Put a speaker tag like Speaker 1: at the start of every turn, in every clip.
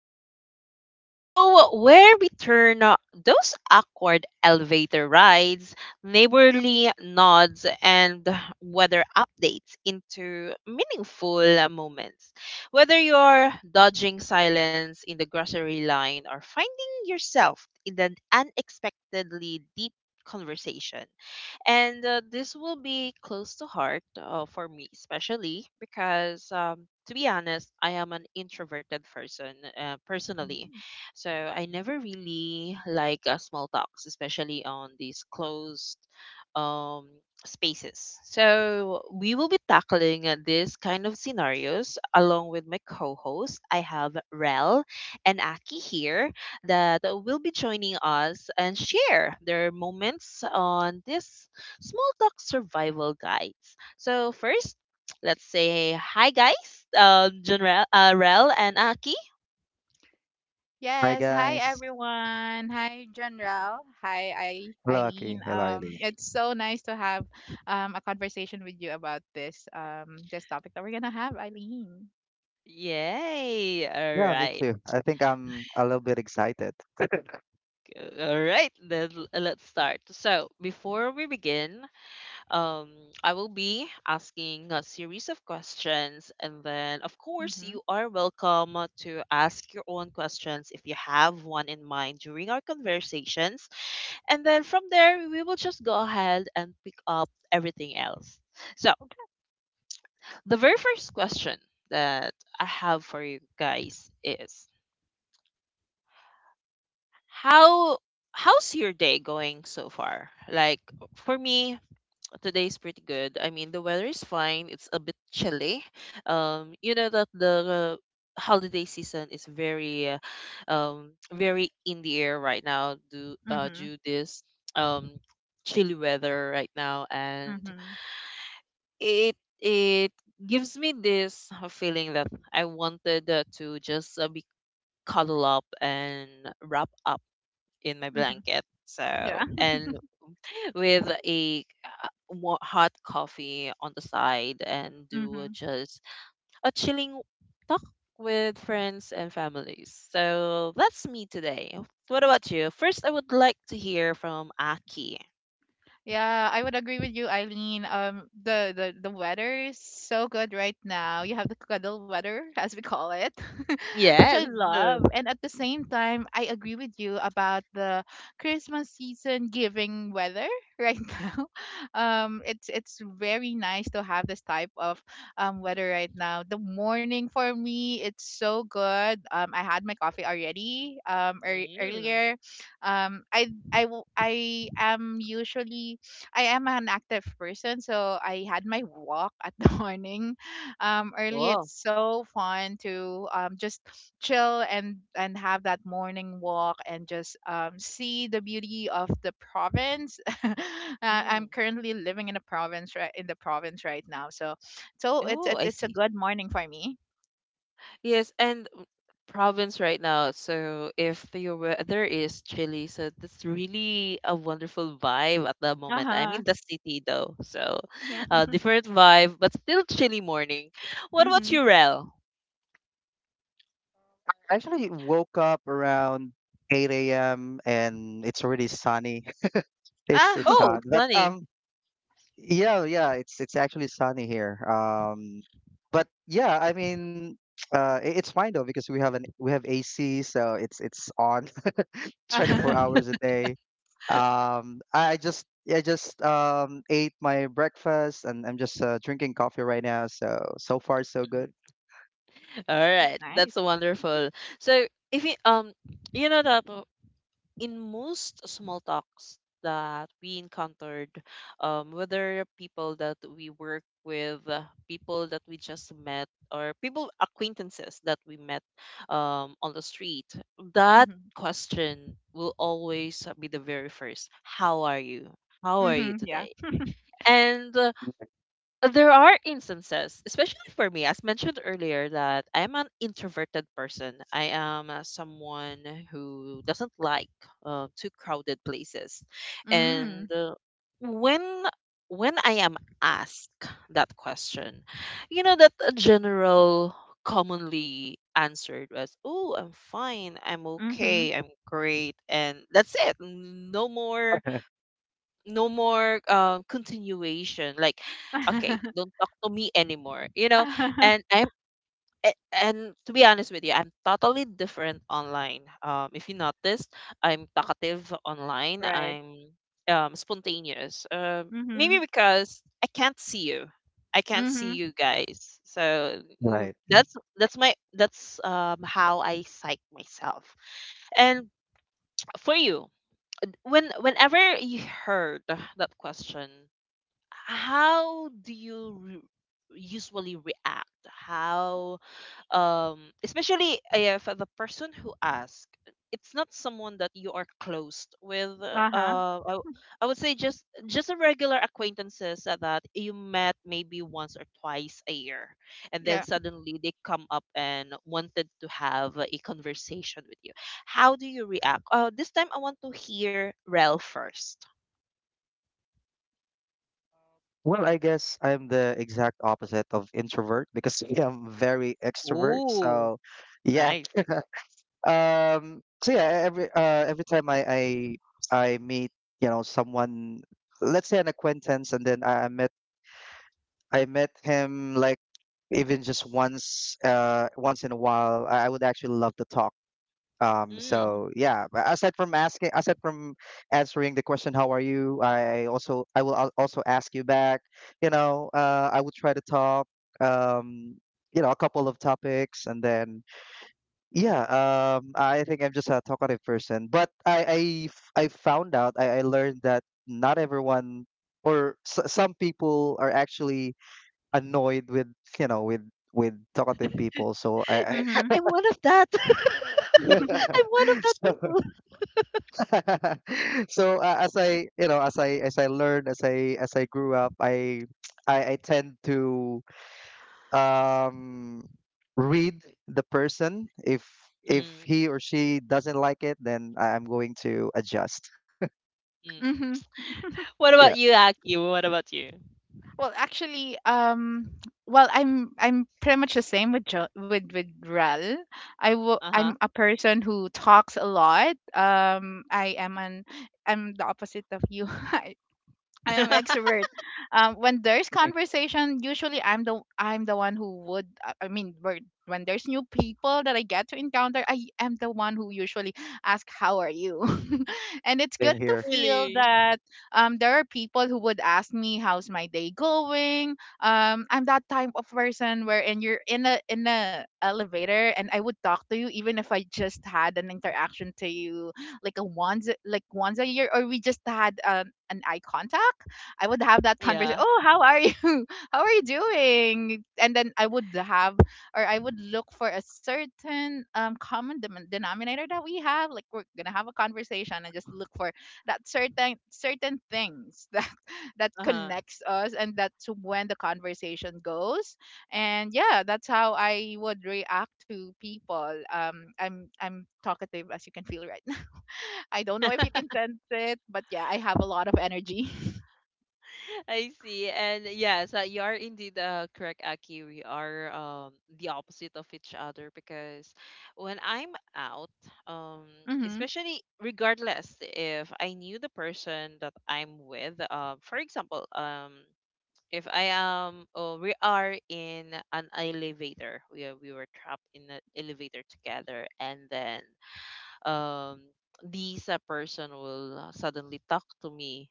Speaker 1: Guide, the show where we turn those awkward elevator rides, neighborly nods, and weather updates into meaningful moments. Whether you're dodging silence in the grocery line or finding yourself in an unexpectedly deep conversation, and this will be close to heart for me, especially because, to be honest, I am an introverted person personally.
Speaker 2: Mhm.
Speaker 1: So I never really like small talks, especially on these closed um, spaces. So we will be tackling this kind of scenarios along with my co-host. I have Rel and Aki here that will be joining us and share their moments on this small talk survival guides. So first, let's say hi guys, Junrel, Rel and Aki.
Speaker 3: Hi
Speaker 2: Yes. Hi,
Speaker 3: guys.
Speaker 2: everyone. Hi, General. Hi, I,
Speaker 3: Hello Aki.
Speaker 2: Eileen.
Speaker 3: Hello Eileen.
Speaker 2: It's so nice to have a conversation with you about this topic that we're gonna have, Eileen.
Speaker 1: Yay! All
Speaker 3: Yeah, me
Speaker 1: right.
Speaker 3: too. I think I'm a little bit excited.
Speaker 1: All right, then let's start. So, before we begin, um, I will be asking a series of questions, and then, of course,
Speaker 2: Mm-hmm.
Speaker 1: you are welcome to ask your own questions if you have one in mind during our conversations. And then from there, we will just go ahead and pick up everything else. So,
Speaker 2: Okay.
Speaker 1: the very first question that I have for you guys is how how's your day going so far? Like for me, today's pretty good. I mean, the weather is fine. It's a bit chilly. You know that the holiday season is very very in the air right now due uh
Speaker 2: Mm-hmm.
Speaker 1: due this um chilly weather right now and
Speaker 2: Mm-hmm.
Speaker 1: it it gives me this feeling that I wanted to just be cuddled up and wrap up in my
Speaker 2: Mm-hmm.
Speaker 1: blanket.
Speaker 2: Yeah.
Speaker 1: So and with a hot coffee on the side and do
Speaker 2: Mm-hmm.
Speaker 1: just a chilling talk with friends and families. So that's me today. What about you? First, I would like to hear from Aki.
Speaker 2: Yeah, I would agree with you, Eileen. The weather is so good right now. You have the cuddle weather, as we call it, which I
Speaker 1: Yes. Mm.
Speaker 2: love. And at the same time, I agree with you about the Christmas season giving weather right now. It's very nice to have this type of weather right now. The morning for me, it's so good. I had my coffee already. Earlier. Um, I I w- I am usually I am an active person, so I had my walk at the morning, early.
Speaker 1: Wow.
Speaker 2: It's so fun to just chill and have that morning walk and just see the beauty of the province. uh,
Speaker 1: Mm.
Speaker 2: I'm currently living in a province right in the province right now, so so it's
Speaker 1: Oh,
Speaker 2: it's
Speaker 1: I
Speaker 2: it's a
Speaker 1: see.
Speaker 2: good morning for me.
Speaker 1: Yes, and province right now. So if the weather is chilly, so that's really a wonderful vibe at the
Speaker 2: Uh
Speaker 1: moment. I
Speaker 2: huh.
Speaker 1: mean the city though, so
Speaker 2: Yeah.
Speaker 1: different vibe, but still chilly morning. What about
Speaker 2: Mhm.
Speaker 1: you, Rel?
Speaker 3: I actually woke up around 8 a.m. and it's already sunny. It's
Speaker 1: Oh,
Speaker 2: Oh.
Speaker 3: hot.
Speaker 1: it's
Speaker 3: But
Speaker 1: sunny.
Speaker 3: yeah, it's actually sunny here. Um, but yeah, I mean it's fine though because we have AC, so it's on 24 hours a day. Um, I I just I just ate my breakfast, and I'm just drinking coffee right now. So so far so good.
Speaker 1: Mhm. All right, that's
Speaker 2: Nice.
Speaker 1: wonderful. So if you you know that in most small talks that we encountered, whether people that we work with, people that we just met, or people acquaintances that we met on the street, that
Speaker 2: Mhm.
Speaker 1: question will always be the very first. How are you? How are you
Speaker 2: Mhm. Yeah.
Speaker 1: today? And there are instances, especially for me, as mentioned earlier, that I am an introverted person. I am someone who doesn't like too crowded places, and
Speaker 2: Mm.
Speaker 1: uh, when when I am asked that question, you know that a general commonly answered was, "Oh, I'm fine. I'm
Speaker 2: Mhm.
Speaker 1: okay. I'm great," and that's it. No more no more continuation like okay, don't talk to me anymore, you know. And i'm a- and to be honest with you, I'm totally different online. If you noticed, I'm talkative online,
Speaker 2: Right.
Speaker 1: I'm spontaneous. Maybe
Speaker 2: Mhm.
Speaker 1: because I can't see you, I can't see
Speaker 2: Mhm.
Speaker 1: you guys. So
Speaker 3: Right.
Speaker 1: that's my that's how I psych myself. And for you, when whenever you heard that question, how do you usually react? How, um, especially if the person who asks, it's not someone that you are close with.
Speaker 2: Uh-huh.
Speaker 1: Uh, I, w- I would say just a regular acquaintances that you met maybe once or twice a year, and then
Speaker 2: Yeah.
Speaker 1: suddenly they come up and wanted to have a conversation with you. How do you react? Oh, this time I want to hear Rel first.
Speaker 3: Well, I guess I'm the exact opposite of introvert because I'm very extrovert.
Speaker 1: Ooh,
Speaker 3: So yeah.
Speaker 1: nice.
Speaker 3: So yeah, every time I meet, you know, someone, let's say an acquaintance, and then I met him, like, even just once in a while, I would actually love to talk. So yeah, but aside from answering the question, how are you? I also, I will al- also ask you back. You know, I would try to talk, um, you know, a couple of topics, and then yeah, I think I'm just a talkative person. But I found out, I learned that not everyone or some people are actually annoyed with, you know, with talkative people. So I
Speaker 2: Mhm.
Speaker 1: I'm one of that. I'm one of that
Speaker 3: so
Speaker 1: people.
Speaker 3: so as I as I as I learned as I grew up, I I tend to um read the person. If
Speaker 1: Mm,
Speaker 3: he or she doesn't like it, then I'm going to adjust.
Speaker 1: mm.
Speaker 2: Mhm.
Speaker 1: What
Speaker 3: Yeah.
Speaker 1: about you, Aki? What about you?
Speaker 2: Well, actually, I'm pretty much the same with jo- with Rel.
Speaker 1: Uh
Speaker 2: I'm
Speaker 1: huh.
Speaker 2: a person who talks a lot. I am an I'm the opposite of you. I am extrovert. When there's
Speaker 3: Mhm.
Speaker 2: conversation, usually I'm the one who would. I mean, when there's new people that I get to encounter, I am the one who usually ask, "How are you?" And it's good
Speaker 3: Same
Speaker 2: to
Speaker 3: here.
Speaker 2: feel
Speaker 1: Really?
Speaker 2: that there are people who would ask me, "How's my day going?" I'm that type of person wherein you're in a elevator, and I would talk to you even if I just had an interaction to you, like once a year, or we just had an eye contact. I would have that conversation,
Speaker 1: Yeah.
Speaker 2: "Oh, how are you?" "How are you
Speaker 1: Uh,
Speaker 2: doing?" and then I would have Or I would look for a certain common denominator that we have, like we're gonna have a conversation and just look for that certain things that
Speaker 1: Uh-huh.
Speaker 2: connects us, and that's when the conversation goes. And yeah, that's how I would react to people. I'm talkative, as you can feel, right? I don't know if you can sense it, but yeah, I have a lot of energy.
Speaker 1: I see. And yeah, so you are indeed correct, Aki. We are the opposite of each other because when I'm out, um,
Speaker 2: Mhm.
Speaker 1: especially regardless if I knew the person that I'm with, for example, if I am, oh, we are in an elevator. We are, we were trapped in an elevator together, and then um, this person will suddenly talk to me,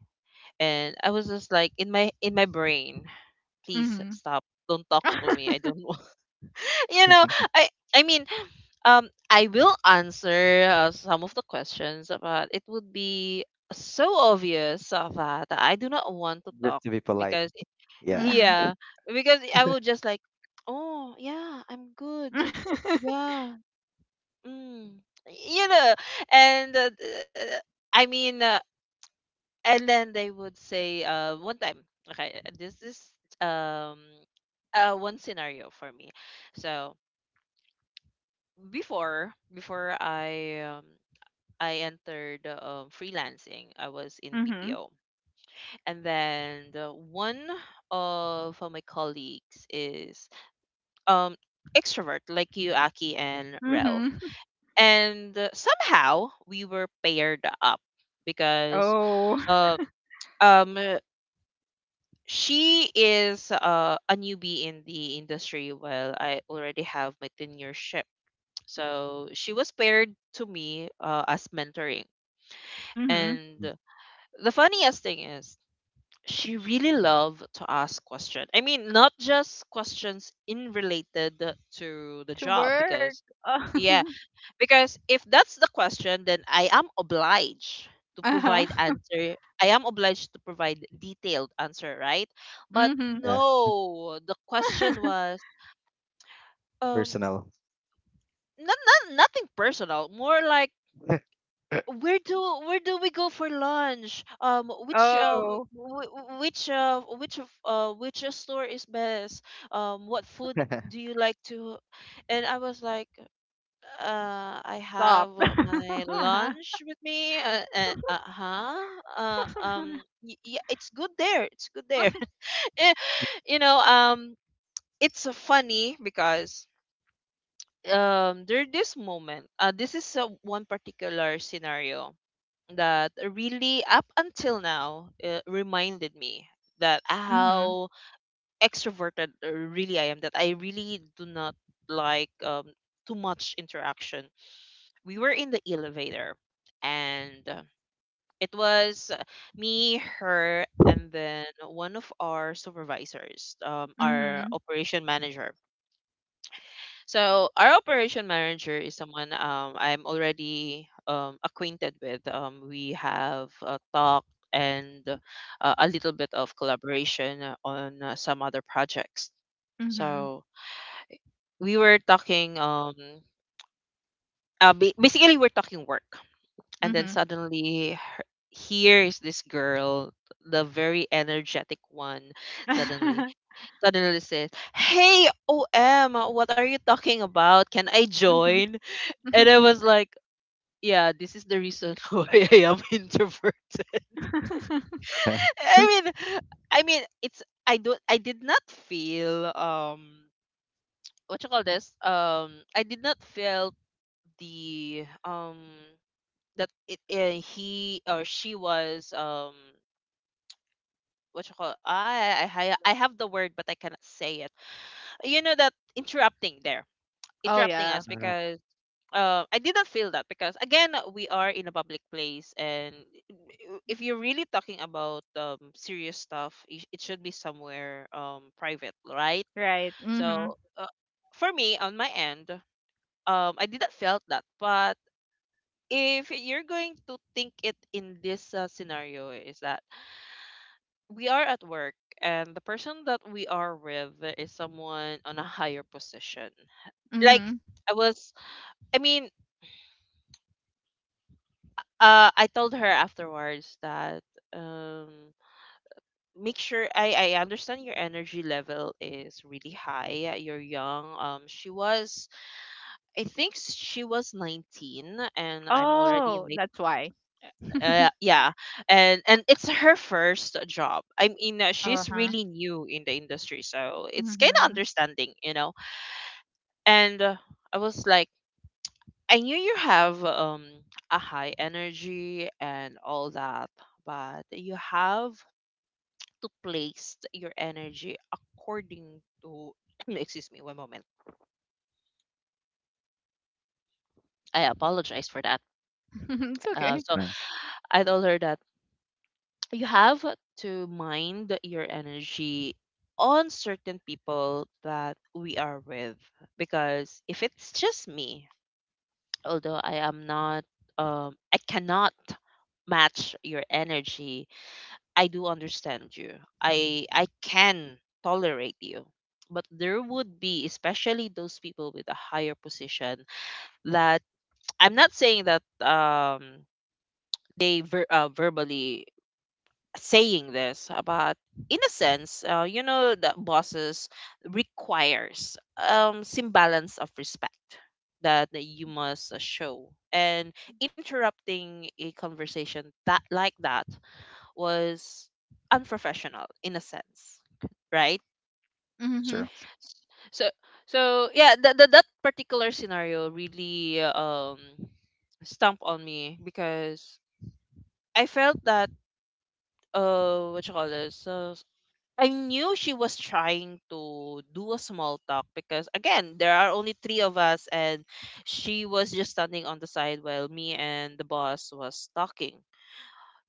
Speaker 1: and I was just like in my brain, please
Speaker 2: Mhm.
Speaker 1: stop, don't talk to me. I don't want, you know. I I mean, I will answer some of the questions, but it would be so obvious that I do not want to
Speaker 3: Just
Speaker 1: talk
Speaker 3: to be polite.
Speaker 1: because
Speaker 3: Yeah.
Speaker 2: Mhm.
Speaker 1: yeah, because I would just like, oh yeah, I'm good. Yeah, mm. You know, and I mean, and then they would say, one time, okay, this is um, one scenario for me. So before I entered freelancing, I was in
Speaker 2: Mhm.
Speaker 1: BPO, and then the one of my colleagues is um extrovert like you, Aki and Rel.
Speaker 2: Mhm.
Speaker 1: And somehow we were paired up because
Speaker 2: Oh.
Speaker 1: uh um uh, she is a newbie in the industry while I already have my tenureship, so she was paired to me as mentoring.
Speaker 2: Mhm.
Speaker 3: Mm-hmm.
Speaker 1: And the funniest thing is she really loved to ask questions. I mean, not just questions in related to the
Speaker 2: To
Speaker 1: job
Speaker 2: work.
Speaker 1: because
Speaker 2: Oh.
Speaker 1: yes, because if that's the question, then I am obliged to
Speaker 2: Uh-huh.
Speaker 1: provide answer. I am obliged to provide detailed answer, right? But
Speaker 2: Mhm.
Speaker 3: Yeah.
Speaker 1: no, the question was um
Speaker 3: Personal.
Speaker 1: not, not nothing personal, more like where do where do we go for lunch? Which w-
Speaker 2: Oh,
Speaker 1: w- w- which of- which store is best? What food do you like to? And I was like, I
Speaker 2: stop.
Speaker 1: have my
Speaker 2: Uh-huh.
Speaker 1: lunch with me. Uh-huh. Uh, um, yeah, it's good there. It's good there. Eh, you know, it's funny because there this moment. This is one particular scenario that really, up until now, reminded me that
Speaker 2: Mhm.
Speaker 1: how extroverted really I am. That I really do not like too much interaction. We were in the elevator and it was me, her, and then one of our supervisors, our
Speaker 2: Mhm.
Speaker 1: operation manager. So our operation manager is someone I'm already acquainted with. We have talked and a little bit of collaboration on some other projects.
Speaker 2: Mhm.
Speaker 1: So we were talking basically we're talking work. And then
Speaker 2: Mhm.
Speaker 1: suddenly here is this girl, the very energetic one, suddenly suddenly says, "Hey, Om, what are you talking about? Can I
Speaker 2: Mhm.
Speaker 1: join?" And I was like, yeah, this is the reason why I am introverted.
Speaker 3: Uh,
Speaker 1: i mean I mean it's I did not feel what you call this, I did not feel the that he or she was what you call, I have the word but I cannot say it. You know that interrupting there,
Speaker 2: Oh
Speaker 1: interrupting
Speaker 2: yeah.
Speaker 1: us because I didn't feel that because again we are in a public place, and if you're really talking about serious stuff, it should be somewhere private, right?
Speaker 2: Right. Mhm.
Speaker 1: So for me on my end, I didn't felt that, but if you're going to think it in this scenario is that we are at work and the person that we are with is someone on a higher position. Like
Speaker 2: Mhm.
Speaker 1: I was I mean I told her afterwards that um make sure, I understand your energy level is really high. You're young. She was, I think she was 19 and I'm already in
Speaker 2: Oh,
Speaker 1: my
Speaker 2: that's why.
Speaker 1: yeah. And it's her first job. I mean, she's
Speaker 2: Uh-huh.
Speaker 1: really new in the industry, so it's kind of
Speaker 2: Mhm.
Speaker 1: understanding, you know. And I was like, I knew you have a high energy and all that, but you have to place your energy according to. Excuse me, one moment. I apologize for that.
Speaker 2: It's okay.
Speaker 3: that's
Speaker 1: So
Speaker 3: fine.
Speaker 1: I told her that you have to mind your energy on certain people that we are with. Because if it's just me, although I am not, I cannot match your energy. I do understand you. I can tolerate you. But there would be, especially those people with a higher position, that I'm not saying that they verbally saying this, but in a sense, you know that bosses requires some balance of respect that, that you must show. And interrupting a conversation that like that was unprofessional in a sense, right?
Speaker 3: Sure.
Speaker 2: Mhm.
Speaker 1: So so yeah, that particular scenario really stamp on me because I felt that what you call this, I knew she was trying to do a small talk because again, there are only three of us and she was just standing on the side while me and the boss was talking.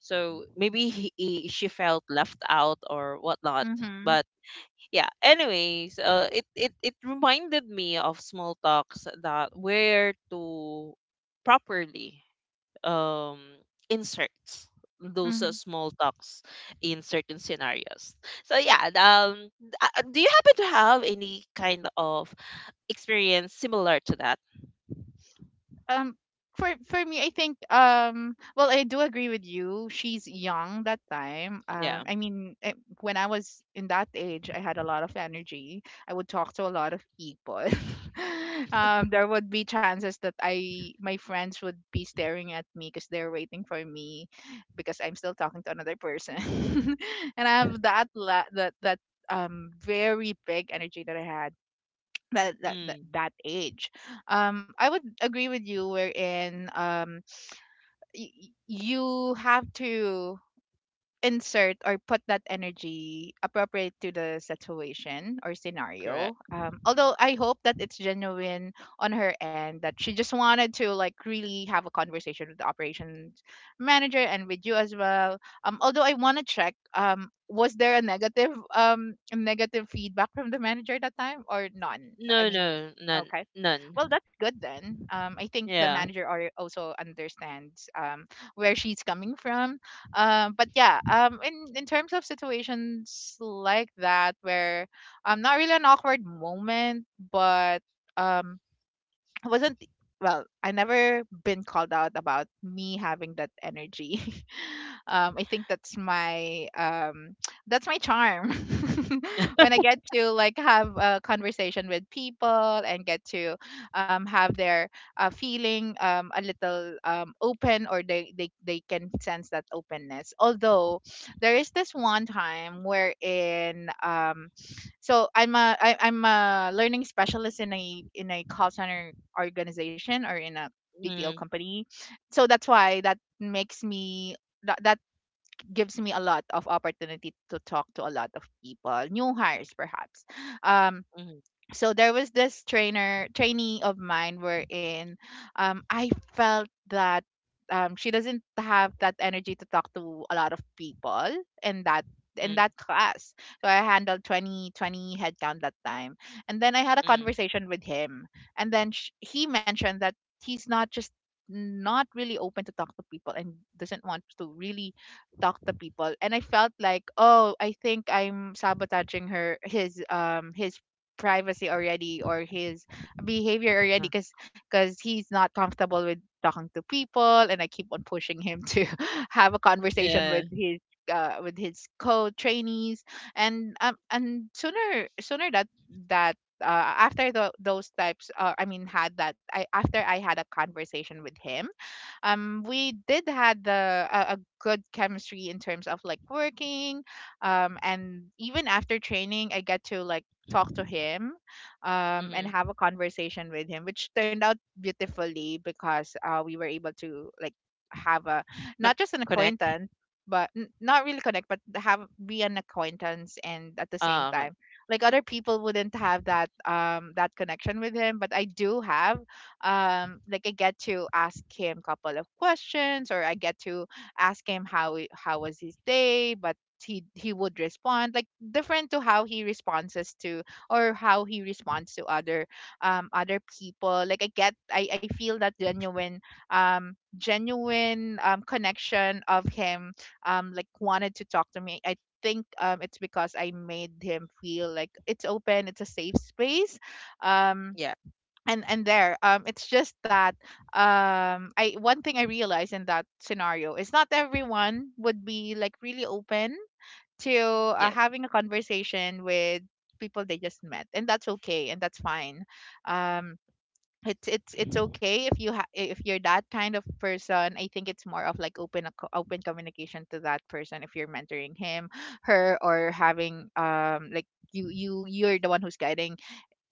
Speaker 1: So maybe she felt left out or whatnot.
Speaker 2: Mhm.
Speaker 1: But yeah, anyways, it reminded me of small talks that where to properly um inserts those
Speaker 2: Mm-hmm.
Speaker 1: small talks in certain scenarios. So do you happen to have any kind of experience similar to that?
Speaker 2: Um, for me, I think well, I do agree with you. She's young that time.
Speaker 1: Yeah.
Speaker 2: I mean, when I was in that age, I had a lot of energy. I would talk to a lot of people. There would be chances that I my friends would be staring at me because they're waiting for me, because I'm still talking to another person, and I have that very big energy that I had
Speaker 1: Mm,
Speaker 2: that age. I would agree with you wherein you have to insert or put that energy appropriate to the situation or scenario,
Speaker 1: correct.
Speaker 2: although I hope that it's genuine on her end, that she just wanted to, like, really have a conversation with the operations manager, and with you as well. Although I want to check, was there a negative feedback from the manager that time, or none?
Speaker 1: No,
Speaker 2: I
Speaker 1: no,
Speaker 2: mean,
Speaker 1: none.
Speaker 2: okay,
Speaker 1: None.
Speaker 2: well, that's good then. I think the
Speaker 1: Yeah.
Speaker 2: manager are also understands where she's coming from. But yeah, in terms of situations like that, where not really an awkward moment, but um I wasn't — well, I never been called out about me having that energy. I think that's my that's my charm. When I get to, like, have a conversation with people and get to have their feeling a little open, or they can sense that openness. Although there is this one time wherein, so I'm a learning specialist in a call center organization, or in a BPO
Speaker 1: Mm.
Speaker 2: company. So that's why that gives me a lot of opportunity to talk to a lot of people, new hires perhaps. Um,
Speaker 1: Mm.
Speaker 2: so there was this trainer trainee of mine wherein I felt that she doesn't have that energy to talk to a lot of people in that in
Speaker 1: Mm.
Speaker 2: that class. So I handled twenty headcount that time. And then I had a
Speaker 1: Mm.
Speaker 2: conversation with him, and then he mentioned that he's not really open to talk to people and doesn't want to really talk to people, and I felt like, oh, I think I'm sabotaging her his privacy already, or his behavior
Speaker 1: Huh.
Speaker 2: already, because he's not comfortable with talking to people, and I keep on pushing him to have a conversation
Speaker 1: Yeah.
Speaker 2: with his co-trainees. And sooner that that after tho- those types I mean had that I after I had a conversation with him, we did had a good chemistry in terms of, like, working, and even after training I get to, like, talk to him, and
Speaker 1: Mm.
Speaker 2: have a conversation with him, which turned out beautifully because we were able to, like, have a — not
Speaker 1: Con-
Speaker 2: just an
Speaker 1: Connect.
Speaker 2: acquaintance, but not really connect, but have be an acquaintance, and at the same
Speaker 1: Oh, okay.
Speaker 2: time, like, other people wouldn't have that connection with him, but I do have. Like, I get to ask him couple of questions, or I get to ask him how was his day, but he would respond, like, different to how he responds to other other people. Like, I get I feel that genuine um connection of him, like, wanted to talk to me. I think it's because I made him feel like it's open, it's a safe space, um
Speaker 1: Yeah.
Speaker 2: and there, it's just that I one thing I realized in that scenario is, not everyone would be, like, really open to
Speaker 1: Yes.
Speaker 2: having a conversation with people they just met, and that's okay, and that's fine. um it's okay if you if you're that kind of person. I think it's more of, like, open a open communication to that person, if you're mentoring him, her, or having like, you're the one who's guiding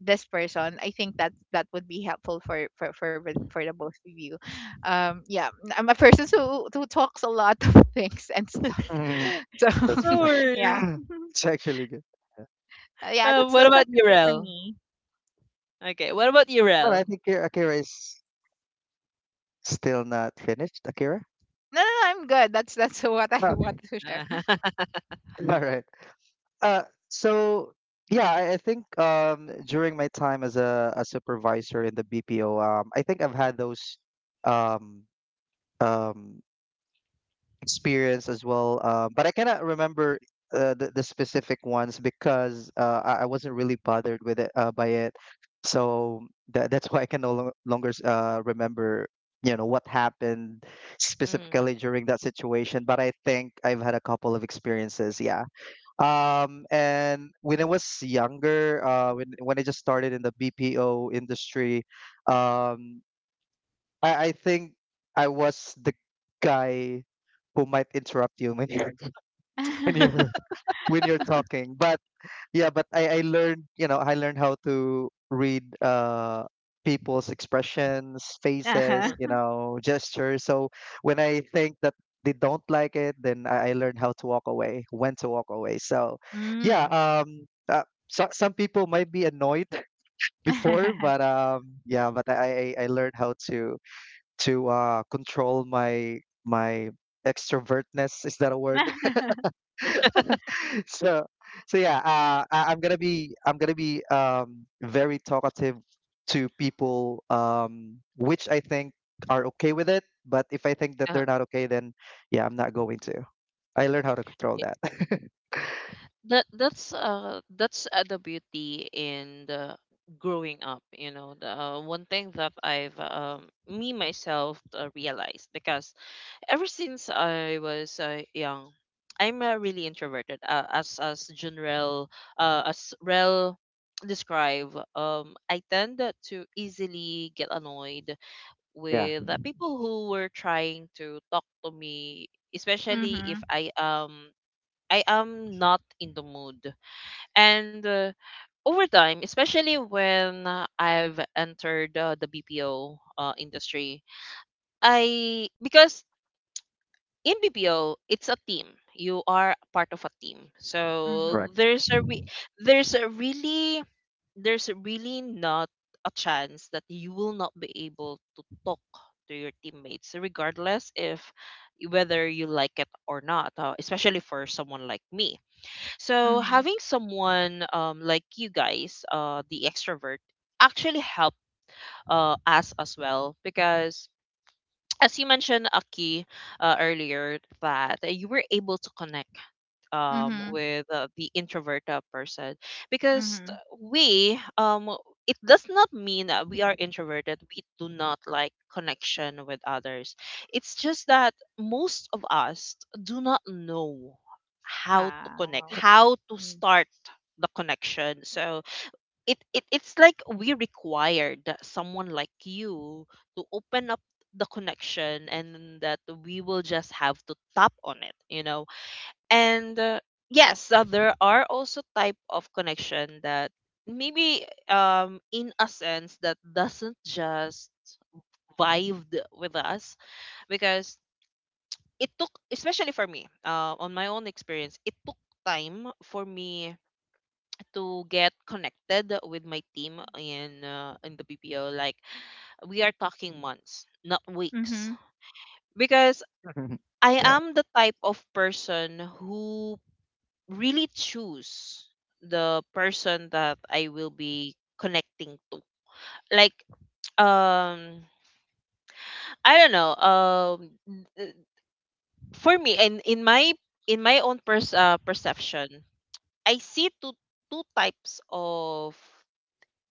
Speaker 2: this person. I think that would be helpful for the both of you. Yeah, I'm a person who talks a lot of things and stuff,
Speaker 3: Mhm.
Speaker 2: so
Speaker 3: That's
Speaker 1: No
Speaker 3: fine.
Speaker 2: yeah.
Speaker 1: worries.
Speaker 3: It's actually good. Yeah.
Speaker 2: Yeah,
Speaker 1: Uh, what about
Speaker 2: that's
Speaker 1: you,
Speaker 2: it for
Speaker 1: Rel?
Speaker 2: me.
Speaker 1: okay what about you
Speaker 3: But
Speaker 1: Rel?
Speaker 3: I think Akira, Kira is still not finished, Akira?
Speaker 2: No, no, no, I'm good. That's what I
Speaker 3: Oh, okay.
Speaker 2: wanted to share.
Speaker 3: All right. Uh, so yeah, I think during my time as a supervisor in the BPO, I think I've had those um, um, experience as well. But I cannot remember the specific ones because I wasn't really bothered with it by it. So that's why I can no longer remember, you know, what happened specifically
Speaker 1: Mm.
Speaker 3: during that situation. But I think I've had a couple of experiences. Yeah. And when I was younger, when I just started in the BPO industry, um, I think I was the guy who might interrupt you when you're when you're when you're talking. But yeah, but I learned, you know, I learned how to read people's expressions, faces,
Speaker 1: Mm.
Speaker 3: you
Speaker 2: Uh-huh.
Speaker 3: know, gestures. So when I think that they don't like it, then I learned how to walk away, when to walk away. So yeah,
Speaker 2: Mm.
Speaker 3: um, uh, so, some people might be annoyed before, but yeah, but I learned how to control my extrovertness. Is that a word? So so yeah, I'm gonna be very talkative to people, which I think are okay with it. But if I think that
Speaker 1: uh,
Speaker 3: they're not okay, then yeah, I'm not going to. I learned how to control that.
Speaker 1: that that's uh that's uh, the beauty in the growing up, you know, the one thing that I've me myself realized because ever since I was young, I'm really introverted as general, as Rel describe. I tend to easily get annoyed
Speaker 3: Yeah,
Speaker 1: with the people who were trying to talk to me, especially if
Speaker 2: Mhm.
Speaker 1: I am not in the mood. And over time, especially when I've entered the BPO industry, I because in BPO it's a team. You are part of a team, so
Speaker 2: Mhm.
Speaker 3: correct.
Speaker 1: there's a re- there's a really there's really not a chance that you will not be able to talk to your teammates, regardless if whether you like it or not. Uh, especially for someone like me, so
Speaker 2: Mhm.
Speaker 1: having someone like you guys, the extrovert, actually help us as well because as you mentioned, Aki, earlier, that you were able to connect
Speaker 2: Mhm.
Speaker 1: with the introvert person. Because
Speaker 2: Mhm.
Speaker 1: we it does not mean that we are introverted we do not like connection with others. It's just that most of us do not know how to connect,
Speaker 2: How?
Speaker 1: how to
Speaker 2: Mm.
Speaker 1: start the connection. So it's like we required someone like you to open up the connection, and that we will just have to tap on it, you know. And yes, there are also type of connection that maybe in a sense that doesn't just vibe with us, because it took, especially for me, on my own experience, it took time for me to get connected with my team in the BPO. Like, we are talking months, not weeks,
Speaker 2: Mhm.
Speaker 1: because I
Speaker 3: Yeah,
Speaker 1: am the type of person who really choose the person that I will be connecting to. Like, um I don't know, th- for me and in my own perception, I see two types of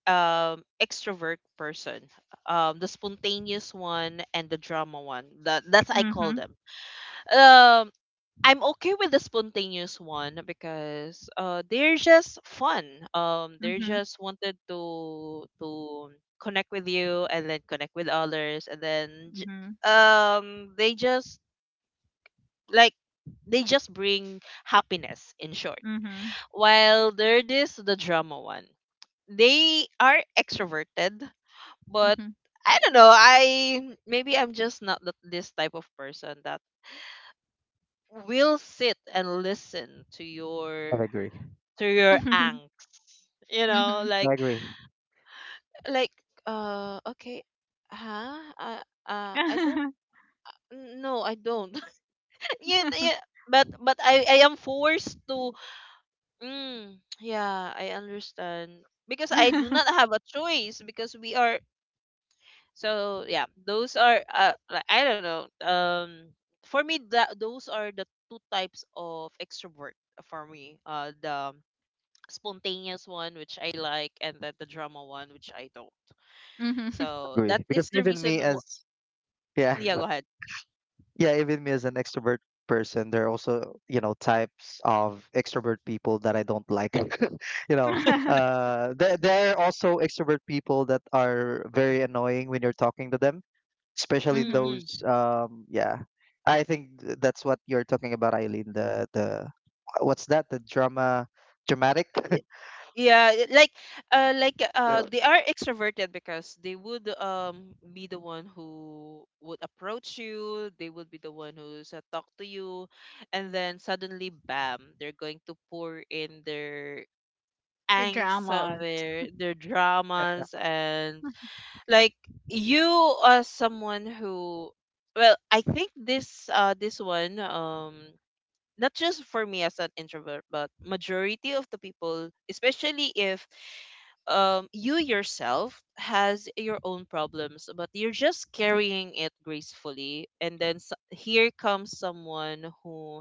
Speaker 1: extrovert person. Um, the spontaneous one and the drama one. That's I call
Speaker 2: Mhm.
Speaker 1: them. Um, I'm okay with the spontaneous one because they're just fun. Um, they're
Speaker 2: Mhm.
Speaker 1: just wanted to connect with you and then connect with others, and then j-
Speaker 2: Mhm.
Speaker 1: they just, like, they just bring happiness in short.
Speaker 2: Mhm.
Speaker 1: While there is the drama one. They are extroverted, but I don't know. I maybe I'm just not this type of person that will sit and listen to
Speaker 3: I
Speaker 1: your
Speaker 3: agree.
Speaker 1: to your
Speaker 2: Mhm.
Speaker 1: angst, you know,
Speaker 2: Mhm.
Speaker 1: like.
Speaker 3: I agree.
Speaker 1: Like, okay, huh uh, I don't, no I don't. Yeah, yeah, but I am forced to. Mm, yeah, I understand, because I do not have a choice because we are. So yeah, those are like, I don't know, for me, that those are the two types of extrovert. For me, the spontaneous one which I like, and then the drama one which I don't.
Speaker 2: Mhm.
Speaker 1: So
Speaker 3: Agree.
Speaker 1: that is
Speaker 3: Because
Speaker 1: the
Speaker 3: even
Speaker 1: reason
Speaker 3: me as yeah,
Speaker 1: yeah, go ahead.
Speaker 3: yeah, even me as an extrovert person, there are also, you know, types of extrovert people that I don't like. You know, there are also extrovert people that are very annoying when you're talking to them, especially
Speaker 2: Mhm.
Speaker 1: Mm-mm.
Speaker 3: those, yeah. I think that's what you're talking about, Eileen. The what's that? The drama, dramatic?
Speaker 1: Yeah, it- like uh like
Speaker 3: Yeah.
Speaker 1: uh they are extroverted because they would be the one who would approach you, they would be the one who's talk to you, and then suddenly bam, they're going to pour in their
Speaker 2: The
Speaker 1: angst,
Speaker 2: dramas.
Speaker 1: their dramas, and like you as someone who, well, I think this one, not just for me as an introvert, but majority of the people, especially if you yourself has your own problems but you're just carrying it gracefully, and then s here comes someone who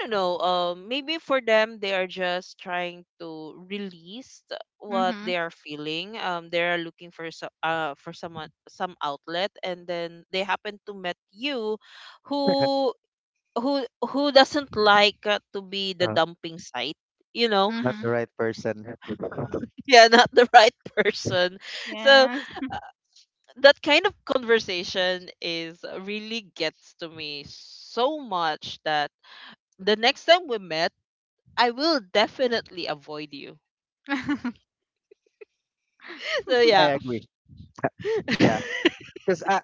Speaker 1: don't know. Maybe for them, they are just trying to release what they
Speaker 2: Mhm.
Speaker 1: are feeling. They are looking for so, for someone some outlet, and then they happen to met you, who who who doesn't like to be the
Speaker 3: Uh,
Speaker 1: dumping site. You know,
Speaker 3: not the
Speaker 2: Mhm.
Speaker 3: right person.
Speaker 1: yeah, not the right person. So
Speaker 2: Yes.
Speaker 1: that kind of conversation is really gets to me so much that the next time we met, I will definitely avoid you. So
Speaker 3: I
Speaker 1: yeah.
Speaker 3: agree. Yeah, because I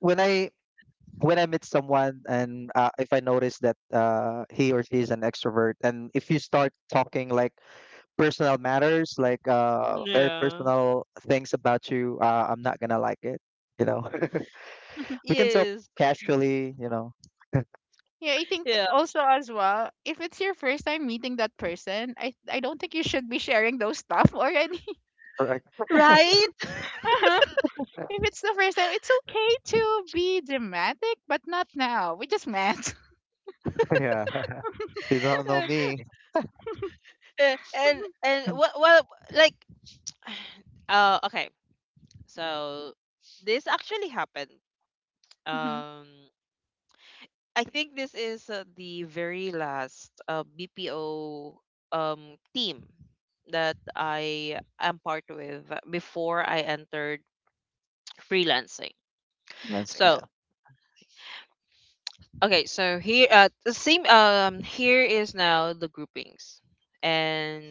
Speaker 3: when I when I meet someone and if I notice that he or she is an extrovert, and if you start talking like personal matters, like very
Speaker 1: Yeah.
Speaker 3: personal things about you, I'm not gonna like it. You know, we can talk
Speaker 1: Yes.
Speaker 3: casually. You know,
Speaker 2: Yeah, I think
Speaker 1: Yeah.
Speaker 2: also, as well, if it's your first time meeting that person, I don't think you should be sharing those stuff already.
Speaker 3: correct?
Speaker 1: Right?
Speaker 2: Uh-huh. If it's the first time, it's okay to be dramatic, but not now. We just met.
Speaker 3: Yeah, you don't know me.
Speaker 1: Eh, and and what what like, uh, okay. So this actually happened.
Speaker 2: Mhm.
Speaker 1: Um, I think this is the very last BPO team that I am part with before I entered freelancing.
Speaker 3: Dancing, yeah,
Speaker 1: So okay, so here the same here is now the groupings. And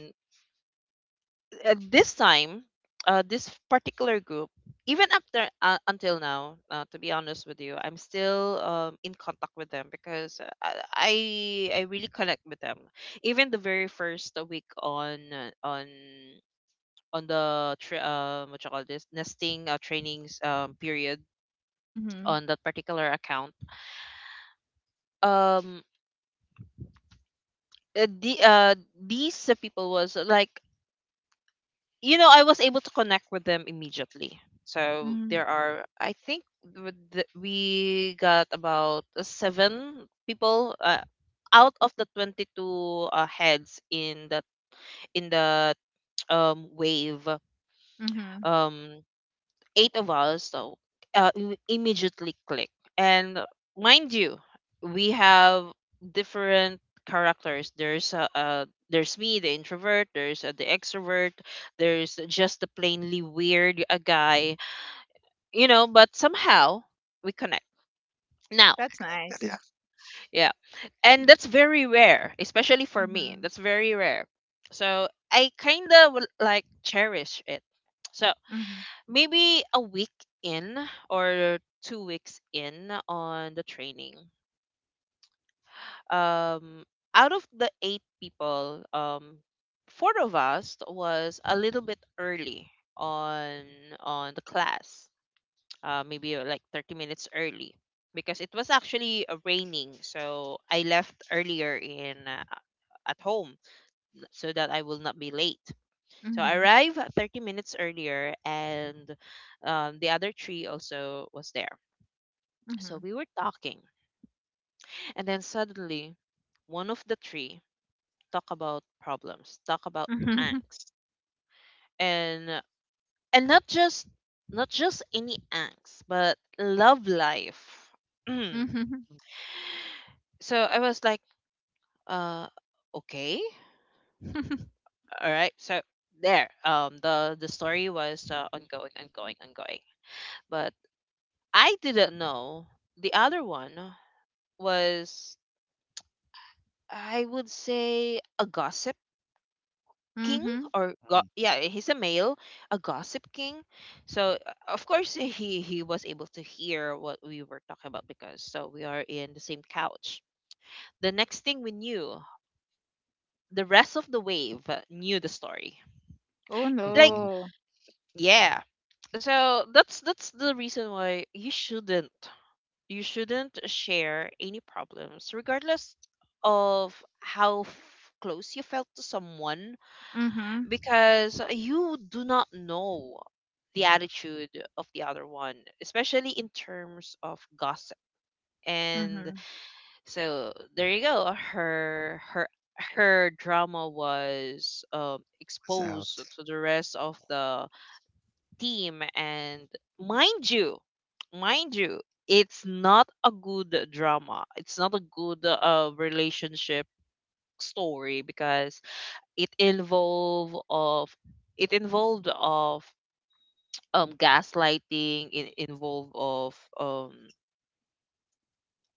Speaker 1: this time this particular group, even after until now, to be honest with you, I'm still in contact with them because I really connect with them even the very first week on on the what you call this nesting trainings period
Speaker 2: Mhm.
Speaker 1: on that particular account. Um uh, the uh these people was like, you know, I was able to connect with them immediately. So
Speaker 2: Mhm.
Speaker 1: there are, I think, we got about seven people out of the 22 heads in that wave.
Speaker 2: Mhm.
Speaker 1: Um, eight of us, so immediately click. And mind you, we have different characters. There's there's me the introvert, there's the extrovert, there's just the plainly weird guy, you know, but somehow we connect now.
Speaker 2: That's
Speaker 3: yeah.
Speaker 2: nice.
Speaker 1: Yeah, and that's very rare, especially for me,
Speaker 2: Mhm.
Speaker 1: that's very rare, so I kind of like cherish it. So
Speaker 2: Mhm.
Speaker 1: maybe a week in or 2 weeks in on the training. Um, out of the eight people, four of us was a little bit early on on the class. Maybe like 30 minutes early because it was actually raining, so I left earlier in at home so that I will not be late. So I
Speaker 2: Mhm.
Speaker 1: arrived 30 minutes earlier, and the other three also was there. So
Speaker 2: Mhm.
Speaker 1: we were talking, and then suddenly, one of the three talk about problems, talk about
Speaker 2: Mhm.
Speaker 1: angst, and and not just not just any angst, but love life.
Speaker 2: Mhm.
Speaker 1: So I was like, uh, okay, all right. So there, the story was ongoing, ongoing, ongoing. But I didn't know the other one was, I would say, a gossip king
Speaker 2: Mhm.
Speaker 1: or
Speaker 3: Yeah.
Speaker 1: yeah, he's a male, a gossip king. So of course he was able to hear what we were talking about, because so we are in the same couch. The next thing we knew, the rest of the wave knew the story.
Speaker 2: Oh
Speaker 1: Like,
Speaker 3: Mm.
Speaker 2: no.
Speaker 1: yeah, so that's the reason why you shouldn't, you shouldn't share any problems regardless of how close you felt to someone,
Speaker 2: Mhm.
Speaker 1: because you do not know the attitude of the other one, especially in terms of gossip. And
Speaker 2: Mhm.
Speaker 1: so there you go. Her drama was
Speaker 3: Was out.
Speaker 1: exposed to the rest of the team, and mind you, mind you, it's not a good drama. It's not a good relationship story, because it involve of it involved of gaslighting, it involved um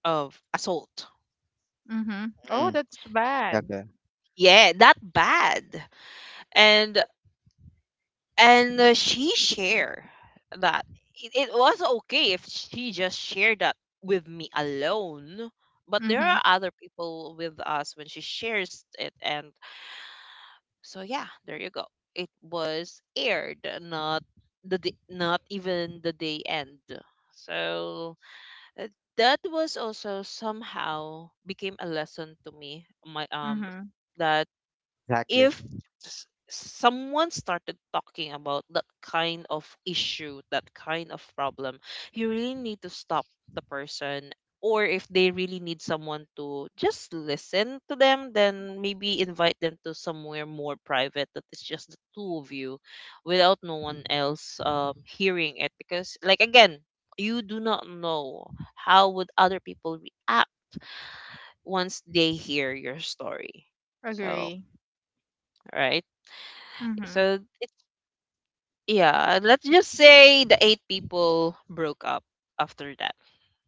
Speaker 1: of assault.
Speaker 2: Mhm. Oh,
Speaker 3: Mm.
Speaker 2: that's bad.
Speaker 3: Okay,
Speaker 1: Yeah, that bad. and and she share that, it was okay if she just shared that with me alone, but there
Speaker 2: Mhm.
Speaker 1: are other people with us when she shares it, and so yeah, there you go. It was aired, not not even the day end. So uh, that was also somehow became a lesson to me. My um,
Speaker 2: Mhm.
Speaker 1: that
Speaker 3: exactly.
Speaker 1: if someone started talking about that kind of issue, that kind of problem, you really need to stop the person. Or if they really need someone to just listen to them, then maybe invite them to somewhere more private that is just the two of you without no one else hearing it. Because, like, again, you do not know how would other people react once they hear your story. So,
Speaker 2: Agree.
Speaker 1: right?
Speaker 2: Mhm.
Speaker 1: So yeah, let's just say the eight people broke up after that.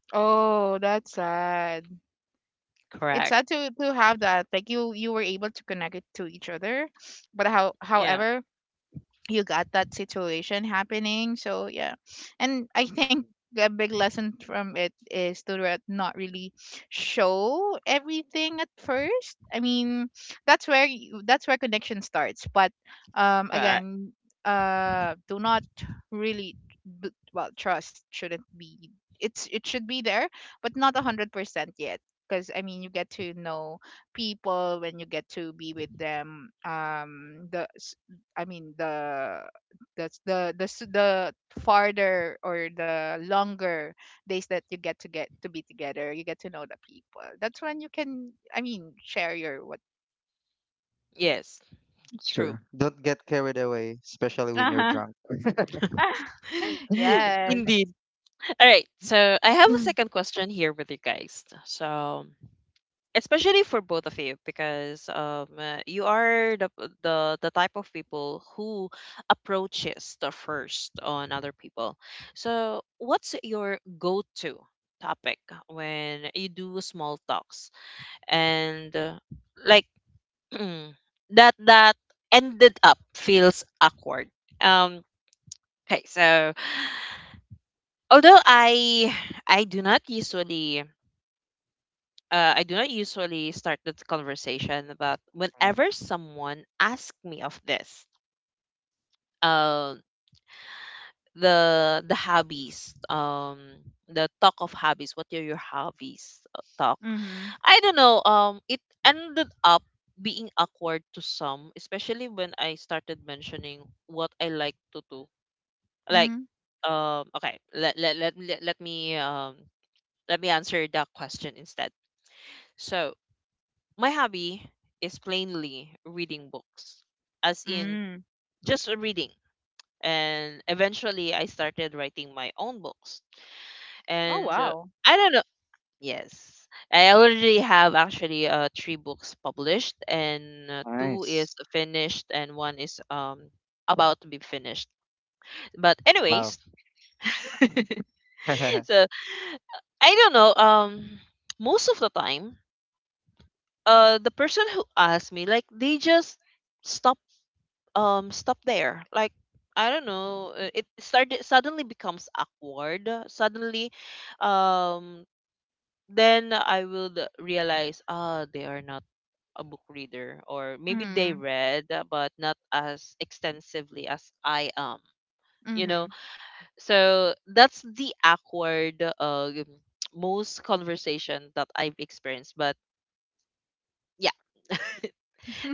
Speaker 2: Oh, that's sad. It's
Speaker 1: Correct.
Speaker 2: sad to have that. Like, you were able to connect it to each other, but
Speaker 1: Yeah,
Speaker 2: however you got that situation happening. So yeah, and I think a big lesson from it is not really show everything at first. I mean, that's where connection starts. But
Speaker 1: correct.
Speaker 2: again, do not really well, trust shouldn't be — it should be there, but not 100% yet. Because I mean, you get to know people when you get to be with them. The I mean, the that's the farther or the longer days that you get to be together, you get to know the people. That's when you can, I mean, share your what —
Speaker 1: Yes, true.
Speaker 3: Sure. Don't get carried away, especially when you're
Speaker 2: Uh-huh.
Speaker 3: drunk. Mm.
Speaker 2: Yes.
Speaker 1: Indeed. All right, so I have a
Speaker 3: Mm.
Speaker 1: second question here with you guys. So, especially for both of you, because you are the, the type of people who approaches the first on other people. So, what's your go-to topic when you do small talks? And like, Mm. that that ended up feels awkward. Um, okay, so, although I do not usually I do not usually start the conversation, but whenever someone asks me of this, uh, the hobbies, the talk of hobbies, what are your hobbies talk?
Speaker 2: Mm-hmm.
Speaker 1: I don't know. It ended up being awkward to some, especially when I started mentioning what I like to do, like
Speaker 2: Mhm.
Speaker 1: okay let let let, let, let me answer that question instead. So my hobby is plainly reading books, as in
Speaker 2: Mm.
Speaker 1: just reading. And eventually I started writing my own books.
Speaker 2: Oh,
Speaker 1: And
Speaker 2: wow.
Speaker 1: I don't know. Yes, I already have, actually, three books published, and two
Speaker 3: Nice.
Speaker 1: is finished and one is about to be finished, but
Speaker 3: Wow.
Speaker 1: anyways. So I don't know. Most of the time, the person who asked me, like, they just stop, stop there. Like, I don't know. It started, suddenly becomes awkward. Suddenly, um, then I will realize, ah, they are not a book reader, or maybe they
Speaker 2: Mhm.
Speaker 1: read, but not as extensively as I am. You know.
Speaker 2: Mhm.
Speaker 1: So that's the awkward, uh, most conversation that I've experienced. But yeah,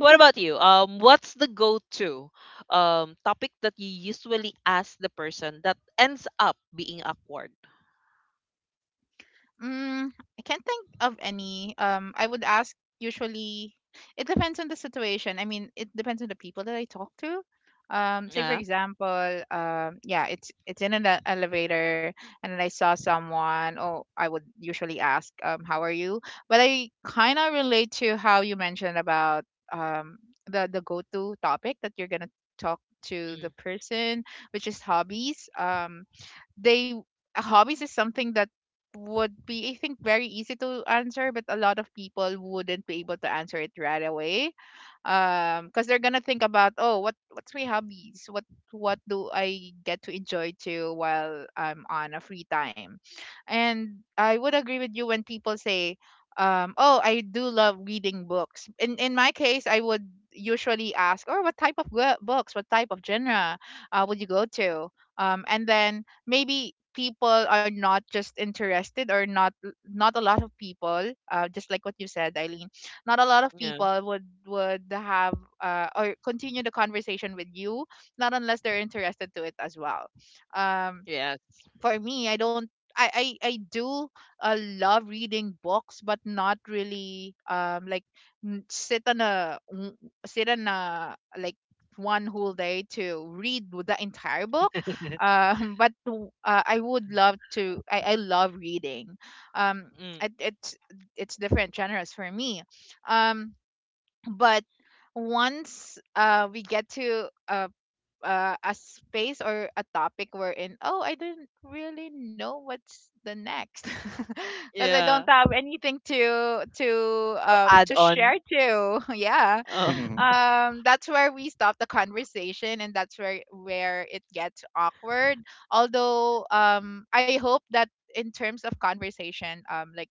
Speaker 1: what about you? What's the go-to topic that you usually ask the person that ends up being awkward?
Speaker 2: Mm, I can't think of any. I would ask, usually. It depends on the situation. I mean, it depends on the people that I talk to. Say for
Speaker 1: Yeah.
Speaker 2: example, it's in an elevator, and then I saw someone. Oh, I would usually ask, how are you? But I kind of relate to how you mentioned about um the go to topic that you're gonna talk to
Speaker 1: Mm,
Speaker 2: the person, which is hobbies. They Hobbies is something that would be, I think, very easy to answer, but a lot of people wouldn't be able to answer it right away. Because they're gonna think about, oh, what's my hobbies? What do I get to enjoy too while I'm on a free time? And I would agree with you when people say, oh, I do love reading books. In my case, I would usually ask, or what type of books, what type of genre would you go to? And then maybe people are not just interested, or not a lot of people, just like what you said, Eileen, not a lot of
Speaker 1: yeah.
Speaker 2: people would have or continue the conversation with you, not unless they're interested to it as well. um
Speaker 1: Yes.
Speaker 2: for me i don't I, I, I do love reading books, but not really, n- sit on a n- sit on a, like, one whole day to read the entire book. I would love to. I love reading. Um,
Speaker 1: Mm,
Speaker 2: it's different genres for me. Um, but once we get to a space or a topic wherein, oh, I didn't really know what's the next, because I don't
Speaker 1: yeah.
Speaker 2: have anything to to
Speaker 1: To
Speaker 2: um
Speaker 1: add
Speaker 2: to
Speaker 1: on.
Speaker 2: share to. Yeah
Speaker 1: Oh,
Speaker 3: Mhm.
Speaker 2: that's where we stop the conversation, and that's where it gets awkward. Although I hope that in terms of conversation, um like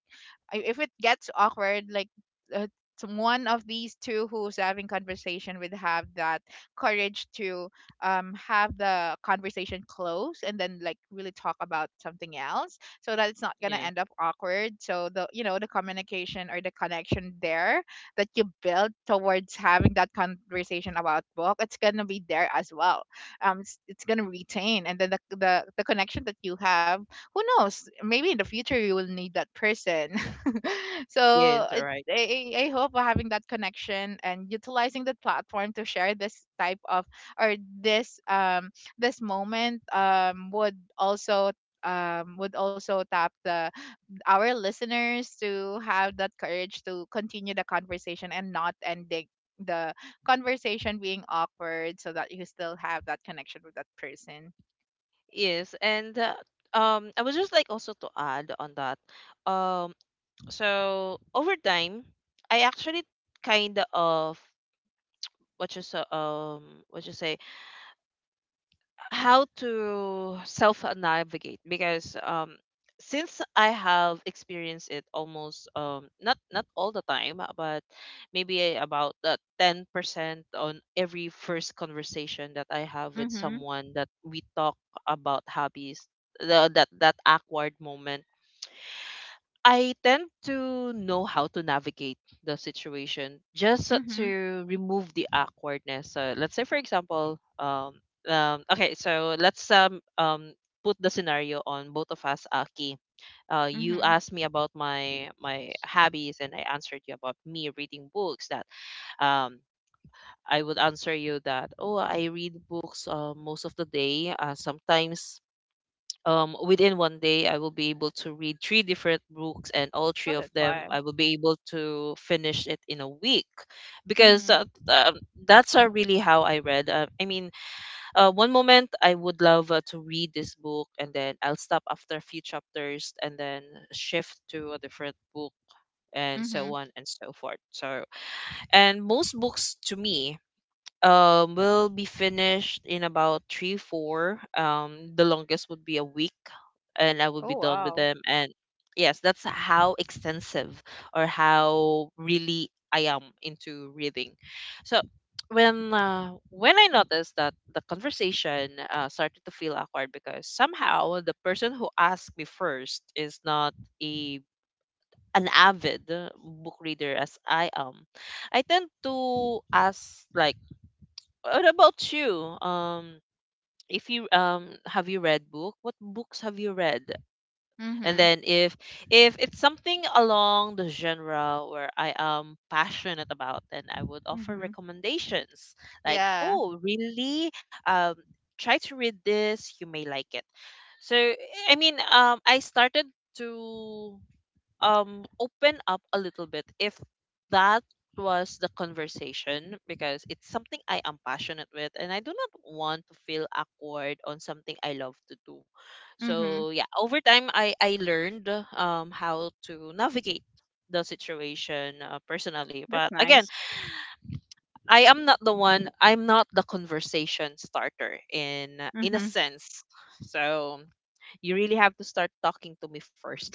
Speaker 2: I- if it gets awkward, uh, one of these two who's having conversation would have that courage to, have the conversation close, and then, like, really talk about something else so that it's not gonna
Speaker 1: yeah.
Speaker 2: end up awkward. So the, you know, the communication or the connection there that you build towards having that conversation about book, it's gonna be there as well. It's gonna retain, and then the connection that you have, who knows? Maybe in the future you will need that person. So
Speaker 1: Yes. All
Speaker 2: it,
Speaker 1: right.
Speaker 2: I hope having that connection and utilizing the platform to share this type of, or this this moment, would also, would also tap the, our listeners to have that courage to continue the conversation and not ending the conversation being awkward, so that you still have that connection with that person.
Speaker 1: Yes. And I was just like also to add on that. Um. So over time, I actually kind of what you sa um what you say, how to self navigate because since I have experienced it, almost, not all the time, but maybe about the 10% on every first conversation that I have with
Speaker 2: Mhm.
Speaker 1: someone that we talk about hobbies, the, that that awkward moment, I tend to know how to navigate the situation, just so
Speaker 2: Mhm.
Speaker 1: to remove the awkwardness. So let's say, for example, okay, so let's put the scenario on both of us, Aki. You
Speaker 2: Mhm.
Speaker 1: asked me about my hobbies, and I answered you about me reading books. That um, I would answer you that, oh, I read books most of the day. Sometimes, within 1 day, I will be able to read three different books, and all three
Speaker 2: Oh,
Speaker 1: of
Speaker 2: that's
Speaker 1: them,
Speaker 2: why.
Speaker 1: I will be able to finish it in a week, because
Speaker 2: Mhm.
Speaker 1: that's really how I read. I mean, one moment I would love to read this book, and then I'll stop after a few chapters, and then shift to a different book, and so
Speaker 2: Mhm.
Speaker 1: on and so forth. So, and most books to me will be finished in about 3 4, the longest would be a week, and I would
Speaker 2: Oh,
Speaker 1: be done with
Speaker 2: wow.
Speaker 1: them. And yes, that's how extensive or how really I am into reading. So when when I noticed that the conversation started to feel awkward because somehow the person who asked me first is not a an avid book reader as I am, I tend to ask, like, what about you? If you have you read book? What books have you read? And
Speaker 2: Mhm.
Speaker 1: then if it's something along the genre where I am passionate about, then I would offer
Speaker 2: Mhm.
Speaker 1: recommendations. Like,
Speaker 2: Yeah.
Speaker 1: oh, really? Um, try to read this. You may like it. So I mean, I started to open up a little bit if that was the conversation, because it's something I am passionate with and I do not want to feel awkward on something I love to do. So
Speaker 2: Mhm.
Speaker 1: yeah, over time I learned how to navigate the situation, personally. But
Speaker 2: That's
Speaker 1: again,
Speaker 2: nice.
Speaker 1: I'm not the conversation starter in a
Speaker 2: Mm-hmm.
Speaker 1: sense, so you really have to start talking to me first.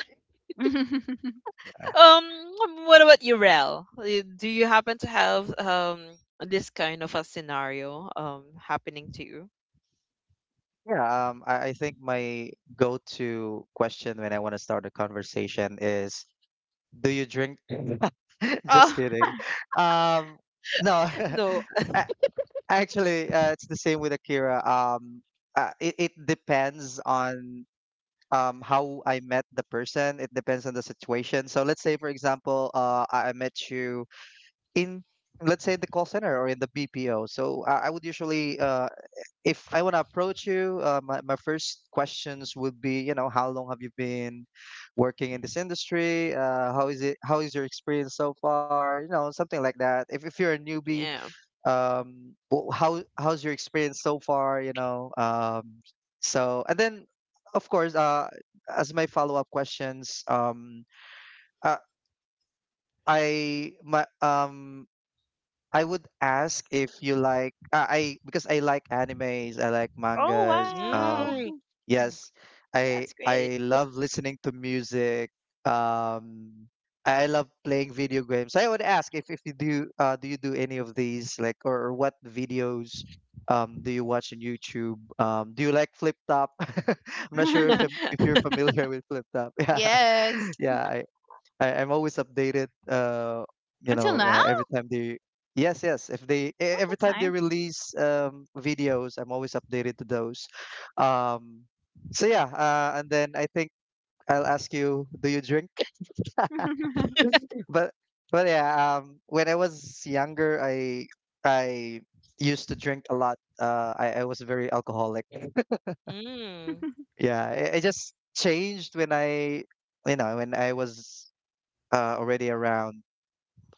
Speaker 3: Uh,
Speaker 1: Um, what about you, Rel? Do you happen to have this kind of a scenario happening to you?
Speaker 3: yeah, I think my go-to question when I want to start a conversation is, "Do you drink?" Just
Speaker 2: Oh.
Speaker 3: kidding. Um, no,
Speaker 1: No.
Speaker 3: A- actually, it's the same with Akira. It depends on how I met the person. It depends on the situation. So let's say, for example, I met you in, let's say, the call center or in the BPO. So I would usually if I want to approach you, my first questions would be, you know, how long have you been working in this industry? How is it? How is your experience so far? You know, something like that. If you're a newbie,
Speaker 1: Yeah.
Speaker 3: um, how how's your experience so far? You know, so and then, of course, as my follow up questions, uh, I my um I would ask if you like I because I like animes, I like
Speaker 2: Oh,
Speaker 3: mangas.
Speaker 2: wow.
Speaker 1: Mm.
Speaker 3: Yes,
Speaker 2: That's great.
Speaker 1: Yeah.
Speaker 3: I love listening to music. Um, I love playing video games. I would ask if you do do you do any of these, like, or what videos do you watch on YouTube? Do you like Flip Top? I'm not sure if if you're familiar with Flip Top. Yeah,
Speaker 2: Yes.
Speaker 3: yeah. I'm always updated. You
Speaker 2: Until
Speaker 3: know,
Speaker 2: now?
Speaker 3: yes, yes, if
Speaker 2: Oh,
Speaker 3: every
Speaker 2: that's
Speaker 3: time they
Speaker 2: nice.
Speaker 3: release videos, I'm always updated to those. Um, so yeah, and then I think I'll ask you, do you drink? But but yeah, when I was younger, I used to drink a lot. I was very alcoholic.
Speaker 1: Mm.
Speaker 3: Yeah, I it just changed when you know, when I was already around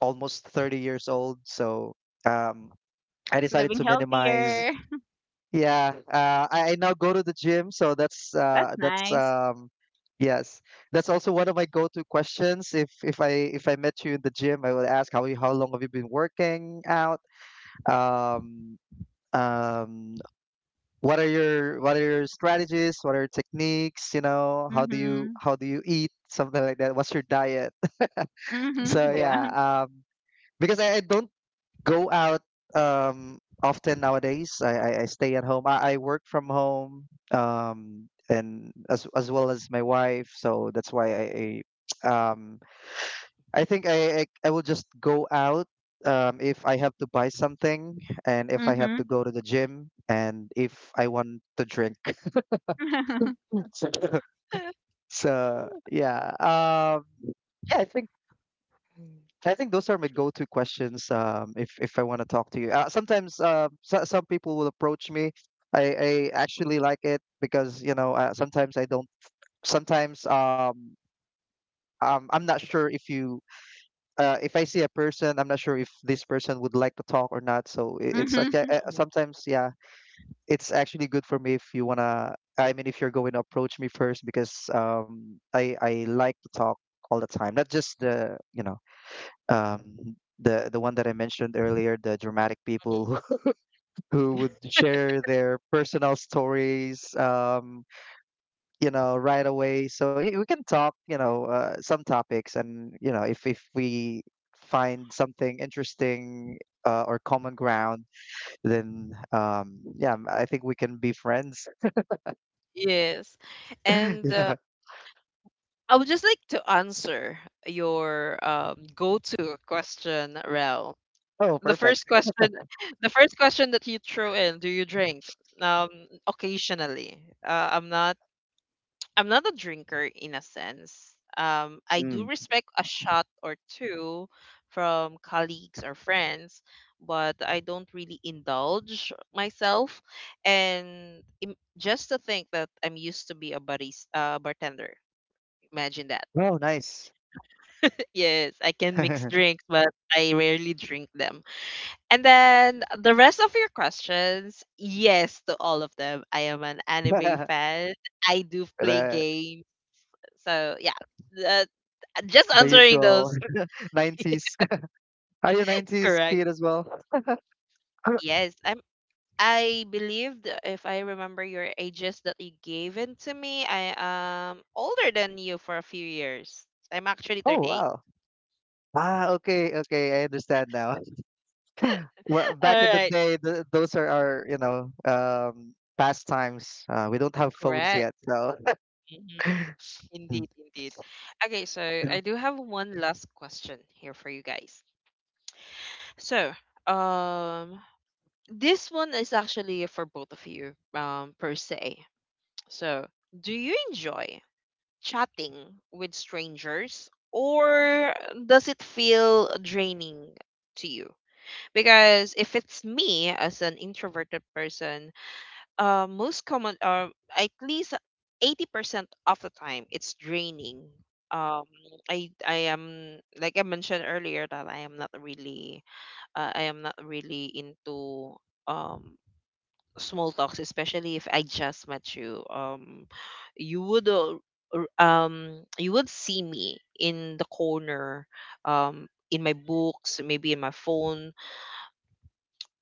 Speaker 3: almost 30 years old. So um, I decided
Speaker 2: Living
Speaker 3: to minimize.
Speaker 2: healthier.
Speaker 3: Yeah, I now go to the gym, so
Speaker 2: That's
Speaker 3: that's
Speaker 2: nice.
Speaker 3: yes, that's also one of my go-to questions. If if I met you in the gym, I would ask how long have you been working out? Um, um, what are your strategies? What are your techniques? You know,
Speaker 2: Mhm.
Speaker 3: how do you eat? Something like that. What's your diet? So
Speaker 2: Mhm.
Speaker 3: yeah,
Speaker 2: Yeah.
Speaker 3: because I don't go out um often nowadays. I stay at home. I work from home um, and as well as my wife. So that's why I um I will just go out if I have to buy something, and if I have to
Speaker 2: Mhm.
Speaker 3: go to the gym, and if I want to drink. So yeah. Yeah, I think those are my go-to questions if I want to talk to you. Sometimes so, some people will approach me. I actually like it because you know sometimes I don't. Sometimes I'm not sure if you if I see a person, I'm not sure if this person would like to talk or not. So it's like,
Speaker 2: Mhm.
Speaker 3: sometimes yeah, it's actually good for me if you wanna. I mean, if you're going to approach me first because I like to talk all the time, not just the you know um, the one that I mentioned earlier, the dramatic people
Speaker 1: Mhm.
Speaker 3: who, who would share their personal stories, you know, right away. So yeah, we can talk, you know, some topics, and you know, if we find something interesting or common ground, then yeah, I think we can be friends.
Speaker 1: Yes. And
Speaker 3: Yeah.
Speaker 1: I would just like to answer your go-to question, Rel.
Speaker 3: Oh,
Speaker 1: The
Speaker 3: perfect.
Speaker 1: first question, the first question that you threw in, do you drink? Um, occasionally. Uh, I'm not a drinker in a sense. I
Speaker 3: Mm.
Speaker 1: do respect a shot or two from colleagues or friends, but I don't really indulge myself. And just to think that I'm used to be a barista, bartender. Imagine that.
Speaker 3: Oh, nice.
Speaker 1: Yes, I can mix drinks, but I rarely drink them. And then the rest of your questions, yes to all of them. I am an anime
Speaker 3: The
Speaker 1: fan. I do play
Speaker 3: the
Speaker 1: games. So yeah, just answering
Speaker 3: usual
Speaker 1: those.
Speaker 3: 90s. Are you 90s
Speaker 1: Correct.
Speaker 3: kid as well?
Speaker 1: Yes. I'm I believed if I remember your ages that you gave in to me, I am older than you for a few years. I'm actually
Speaker 3: Oh,
Speaker 1: 38.
Speaker 3: wow. Ah, okay, okay, I understand now. Well, back
Speaker 1: All
Speaker 3: in the
Speaker 1: right.
Speaker 3: day, th those are our, you know, pastimes. We don't have phones
Speaker 1: Correct.
Speaker 3: yet, so
Speaker 1: Mhm. Indeed, indeed. Okay, so I do have one last question here for you guys. So, um, this one is actually for both of you, per se. So, do you enjoy chatting with strangers, or does it feel draining to you? Because if it's me as an introverted person, most common, or at least 80% of the time it's draining. Um, I am, like I mentioned earlier, that I am not really I am not really into um small talks. Especially if I just met you, you would al- r- um you would see me in the corner, um, in my books, maybe in my phone,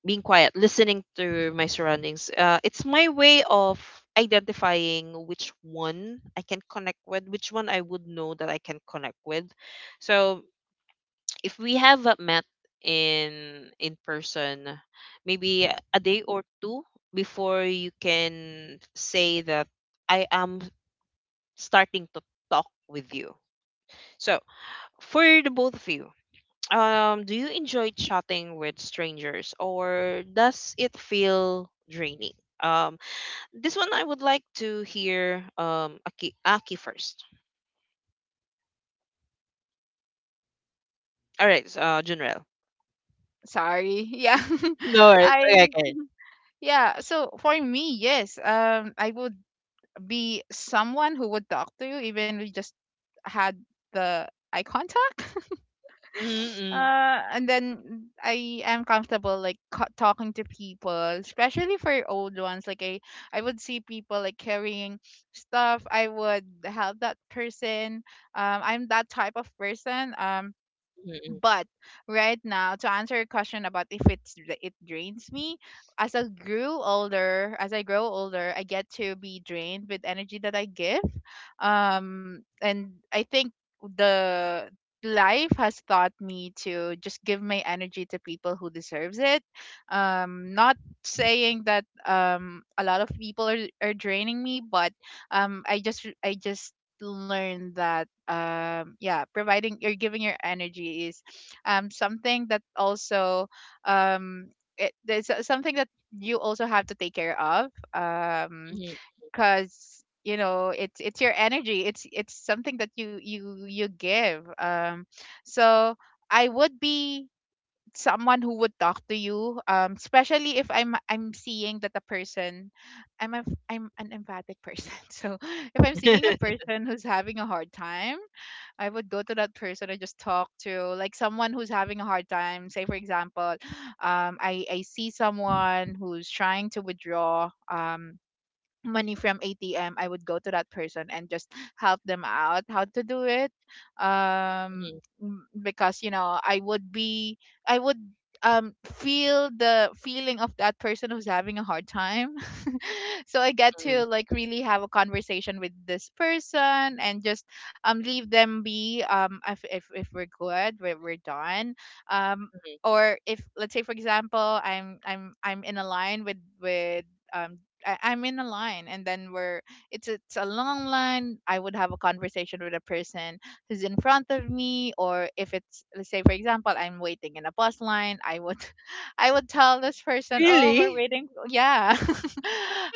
Speaker 1: being quiet, listening to my surroundings. It's my way of identifying which one I can connect with, which one I would know that I can connect with. So if we have met in in person, maybe a day or two before, you can say that I am starting to talk with you. So for the both of you, do you enjoy chatting with strangers, or does it feel draining? um this one I would like to hear Aki first. All right, so, uh, Junrel.
Speaker 2: Sorry. Yeah.
Speaker 1: No worries. Okay,
Speaker 2: I
Speaker 1: okay.
Speaker 2: Yeah, so for me, yes. I would be someone who would talk to you, even we just had the eye contact.
Speaker 1: Mm-hmm,
Speaker 2: And then I am comfortable, like, talking to people, especially for old ones. I would see people, like, carrying stuff. I would help that person. I'm that type of person.
Speaker 1: mm-hmm,
Speaker 2: But right now, to answer your question about if it's it drains me, as I grow older, I get to be drained with energy that I give. And I think the life has taught me to just give my energy to people who deserves it. Not saying that a lot of people are draining me, but I just learn that, yeah, providing or giving your energy is something that also, um there's something that you also have to take care of, because, you know, it's your energy, it's something that you give. So I would be someone who would talk to you, especially if I'm seeing that a person, I'm an emphatic person. So if I'm seeing a
Speaker 1: mm-hmm.
Speaker 2: person who's having a hard time, I would go to that person and just talk to, like, someone who's having a hard time. Say, for example, I see someone who's trying to withdraw money from ATM, I would go to that person and just help them out how to do it. Um, because, you know, I would be, I would feel the feeling of that person who's having a hard time. So I get to,
Speaker 1: Mm,
Speaker 2: like, really have a conversation with this person and just, leave them be. If we're good, we're done. Um.
Speaker 1: mhm.
Speaker 2: Or if, let's say, for example, I'm I'm in a line with um I'm in a line, and then we're, it's a long line. I would have a conversation with a person who's in front of me. Or if it's, let's say, for example, I'm waiting in a bus line, I would I would tell this person, "Oh, we're
Speaker 1: Really?
Speaker 2: waiting." Yeah.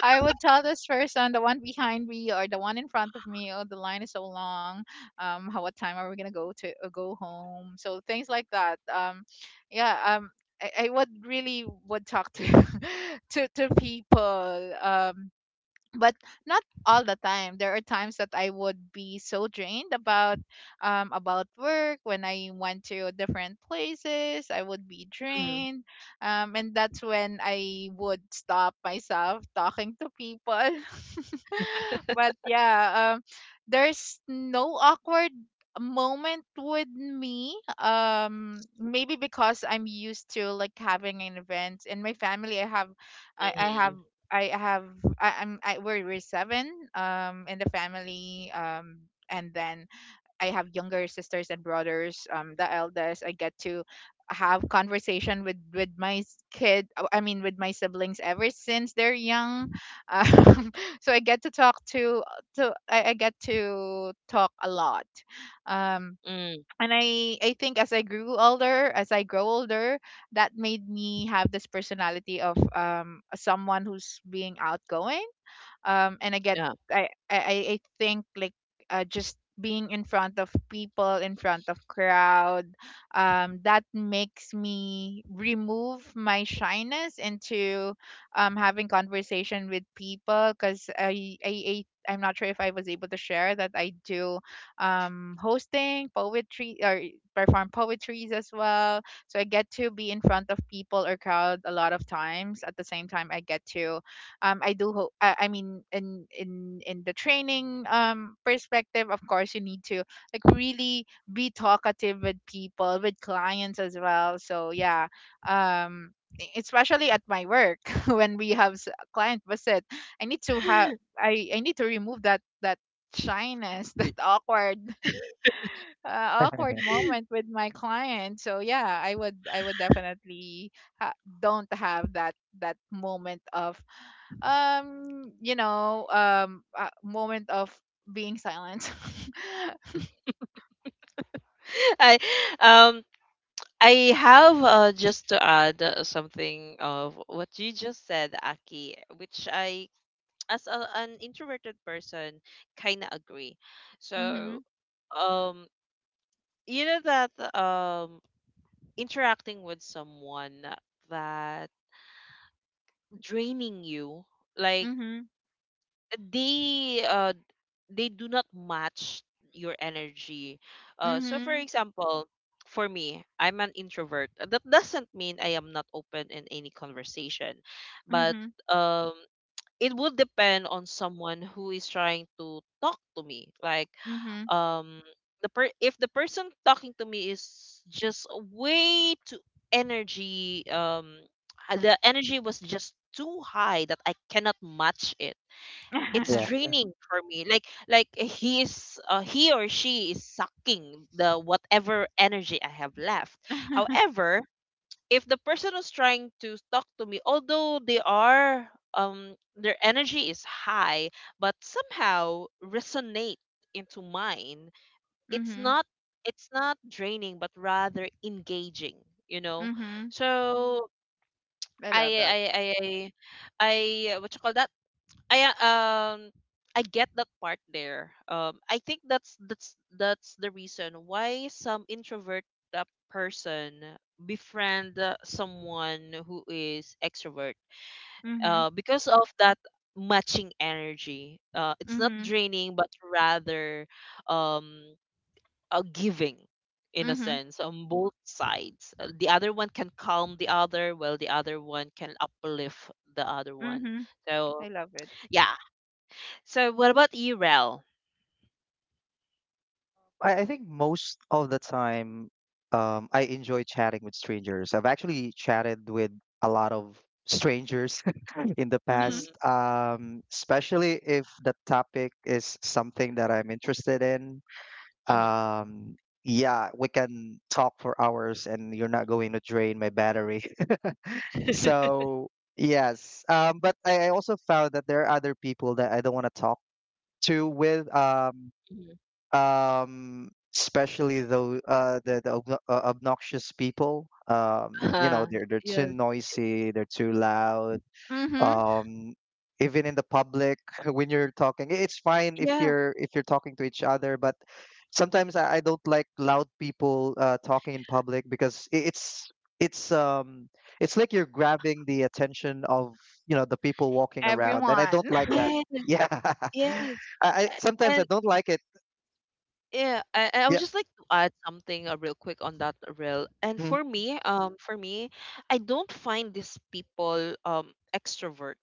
Speaker 2: I would tell this person, the one behind me or the one in front of me, "Oh, the line is so long. How what time are we going to go to, go home?" So things like that. Yeah, I would really would talk to to people. But not all the time, there are times that I would be so drained about, about work. When I went to different places, I would be
Speaker 1: Mm,
Speaker 2: drained, and that's when I would stop myself talking to people. But yeah, there's no awkward moment with me, maybe because I'm used to, like, having an event in my family. I, I
Speaker 1: mhm.
Speaker 2: have I have, I'm we're seven in the family, and then I have younger sisters and brothers. The eldest, I get to have conversation with my s- kid I mean, with my siblings ever since they're young, um, so I get to talk to I get to talk a lot. um
Speaker 1: Mm,
Speaker 2: and I think as I grew older, as I grow older, that made me have this personality of, someone who's being outgoing, and I get,
Speaker 1: yeah.
Speaker 2: I think, like, just being in front of people, in front of crowd, that makes me remove my shyness into, having conversation with people. Because I'm not sure if I was able to share that I do, hosting poetry or perform poetries as well. So I get to be in front of people or crowd a lot of times. At the same time, I get to, I do hope, I mean, in in the training perspective, of course, you need to, like, really be talkative with people, with clients as well. So yeah, um e- especially at my work, when we have client visit, I need to have, I need to remove that shyness, that awkward awkward
Speaker 3: yeah.
Speaker 2: moment with my client. So yeah, I would, I would definitely don't have that moment of, you know, a moment of being silent.
Speaker 1: I um I have, just to add something of what you just said, Aki, which I, as a, an introverted person, kind of agree. So
Speaker 2: Mhm.
Speaker 1: um you know that interacting with someone that draining you, like,
Speaker 2: Mhm.
Speaker 1: they uh, they do not match your energy. So for
Speaker 2: Mhm.
Speaker 1: example, for me, I'm an introvert. That doesn't mean I am not open in any conversation, but
Speaker 2: Mhm.
Speaker 1: um, it would depend on someone who is trying to talk to me. Like
Speaker 2: Mhm.
Speaker 1: um, if the person talking to me is just way too energy, the energy was just too high that I cannot match it, it's
Speaker 3: Yeah.
Speaker 1: draining for me. Like, eh, he is, he or she is sucking the whatever energy I have left. However, if the person who's trying to talk to me, although they are their energy is high, but somehow resonate into mine, it's
Speaker 2: Mhm.
Speaker 1: not, it's not draining, but rather engaging, you know.
Speaker 2: Mhm.
Speaker 1: So
Speaker 2: I
Speaker 1: I
Speaker 2: love that.
Speaker 1: I I I, I what you call that, I um I get that part there. I think that's that's the reason why some introvert uh, person befriend someone who is extrovert.
Speaker 2: Mhm.
Speaker 1: Because of that matching energy. It's not
Speaker 2: Mhm.
Speaker 1: draining, but rather um a giving in a
Speaker 2: Mhm.
Speaker 1: sense on both sides. The other one can calm the other, while the other one can uplift the other one.
Speaker 2: Mhm. I
Speaker 1: So
Speaker 2: love it.
Speaker 1: yeah, so what about you, Rel?
Speaker 3: I think most of the time, I enjoy chatting with strangers. I've actually chatted with a lot of strangers in the
Speaker 1: Mm,
Speaker 2: Mhm.
Speaker 3: past, especially if the topic is something that I'm interested in.
Speaker 1: mhm,
Speaker 3: Um yeah, we can talk for hours and you're not going to drain my battery. So yes, um, but I also found that there are other people that I don't want to talk to with um,
Speaker 1: mhm.
Speaker 3: um, especially though the obnoxious people um, you know
Speaker 1: Uh,
Speaker 3: they're too
Speaker 1: yes.
Speaker 3: noisy, they're too loud
Speaker 2: Mhm.
Speaker 3: um, even in the public. When you're talking it's fine
Speaker 1: Yeah.
Speaker 3: if you're talking to each other, but sometimes I don't like loud people talking in public because it's it's um it's like you're grabbing the attention of, you know, the people walking around, and I
Speaker 2: Everyone.
Speaker 3: don't like that.
Speaker 1: Yes.
Speaker 3: Yeah.
Speaker 1: Yes.
Speaker 3: I sometimes I
Speaker 1: And
Speaker 3: don't like it.
Speaker 1: yeah, I would
Speaker 3: Yeah.
Speaker 1: just like to add something real quick on that, Rel. And
Speaker 3: Mm,
Speaker 1: for me, I don't find these people extrovert,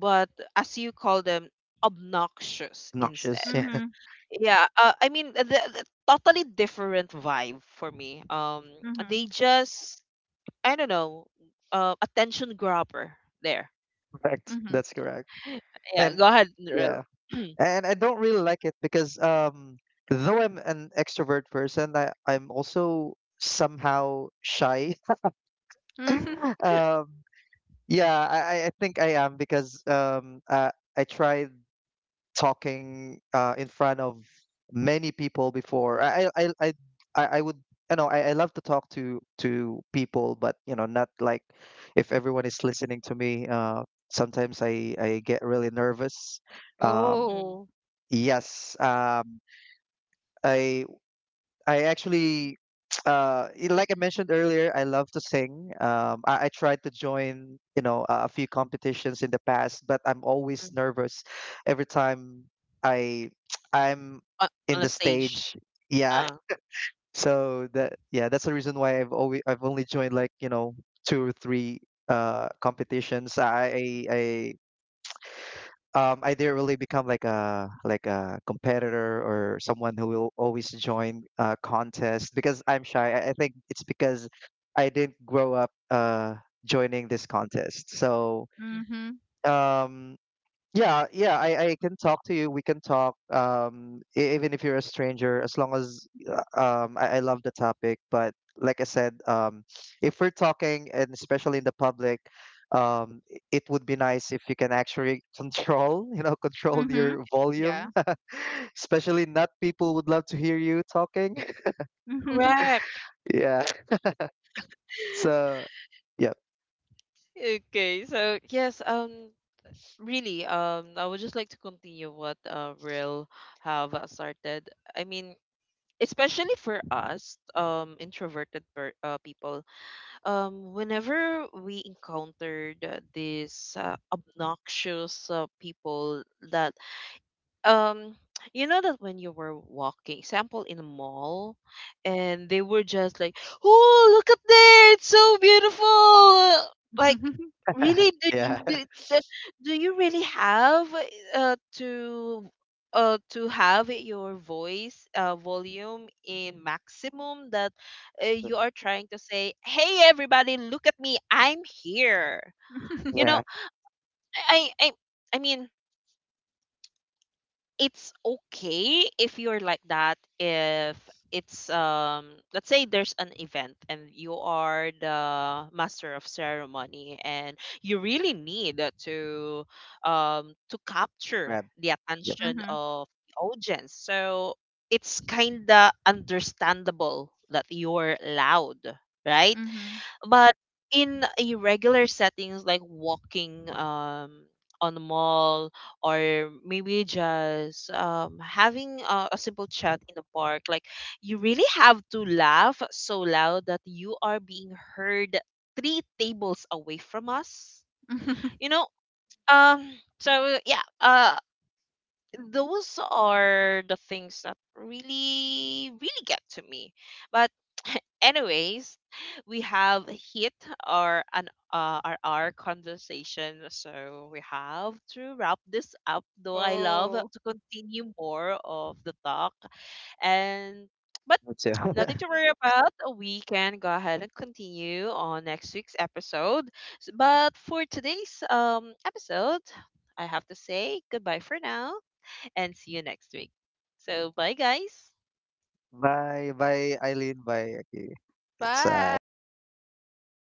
Speaker 1: but as you call them, obnoxious
Speaker 3: obnoxious,
Speaker 1: instead.
Speaker 3: yeah.
Speaker 2: Mhm.
Speaker 1: Yeah. I mean, the totally different vibe for me.
Speaker 2: Mhm.
Speaker 1: They just, I don't know, attention grabber. There.
Speaker 3: Correct,
Speaker 2: Mhm.
Speaker 3: that's correct.
Speaker 1: Yeah,
Speaker 3: And
Speaker 1: go ahead, Nurel.
Speaker 3: yeah, and I don't really like it because um, though I'm an extrovert person, I'm also somehow shy.
Speaker 2: Mhm.
Speaker 3: Um, yeah, I think I am because I tried talking in front of many people before. I would, I know I love to talk to people, but you know, not like if everyone is listening to me, sometimes I get really nervous. Um,
Speaker 1: Mm,
Speaker 2: Oh.
Speaker 3: yes. I I actually like I mentioned earlier, I love to sing. I tried to join, you know, a few competitions in the past, but I'm always
Speaker 1: mm.
Speaker 3: nervous every time I I'm
Speaker 1: on,
Speaker 3: in
Speaker 1: on a
Speaker 3: the
Speaker 1: stage.
Speaker 3: stage. Yeah.
Speaker 1: Uh,
Speaker 3: So that yeah, that's the reason why I've only joined, like, you know, two or three competitions. Um, I didn't really become like a competitor or someone who will always join a contest because I'm shy. I think it's because I didn't grow up joining this contest. So
Speaker 1: mm.
Speaker 2: Mhm.
Speaker 3: um, yeah, yeah, I can talk to you. We can talk, even if you're a stranger, as long as I love the topic. But like I said, if we're talking, and especially in the public, it would be nice if you can actually control, you know, control
Speaker 2: Mhm.
Speaker 3: your volume.
Speaker 2: Yeah.
Speaker 3: Especially not people would love to hear you talking.
Speaker 2: Mhm.
Speaker 1: Correct.
Speaker 3: Yeah. So, yep,
Speaker 1: Okay, so yes, really, I would just like to continue what Real have started. I mean, especially for us, introverted per people, whenever we encountered these obnoxious people that um you know, that when you were walking sample in a mall, and they were just like, oh, look at there, it's so beautiful. Like, really,
Speaker 3: yeah,
Speaker 1: do, do you really have uh to to have your voice volume in maximum, that you are trying to say, hey everybody, look at me, I'm here, you know.
Speaker 3: yeah,
Speaker 1: i i i I mean, it's okay if you're like that, if it's let's say there's an event and you are the master of ceremony and you really need to capture
Speaker 3: man,
Speaker 1: the
Speaker 3: yep,
Speaker 1: attention
Speaker 2: Mhm.
Speaker 1: of the audience, so it's kind of understandable that you're loud, right?
Speaker 2: Mhm.
Speaker 1: But in a regular settings, like walking um on the mall, or maybe just having a simple chat in the park, like, you really have to laugh so loud that you are being heard three tables away from us, you know. um so yeah, those are the things that really really get to me. But anyways, we have hit our an our conversation, so we have to wrap this up. Though I love
Speaker 2: Oh.
Speaker 1: to continue more of the talk, and but
Speaker 3: me too.
Speaker 1: nothing to worry about. We can go ahead and continue on next week's episode. But for today's episode, I have to say goodbye for now and see you next week. So bye, guys.
Speaker 3: Bye, bye, Eileen. Bye, Aki. It's it was a
Speaker 2: Bye.
Speaker 3: nice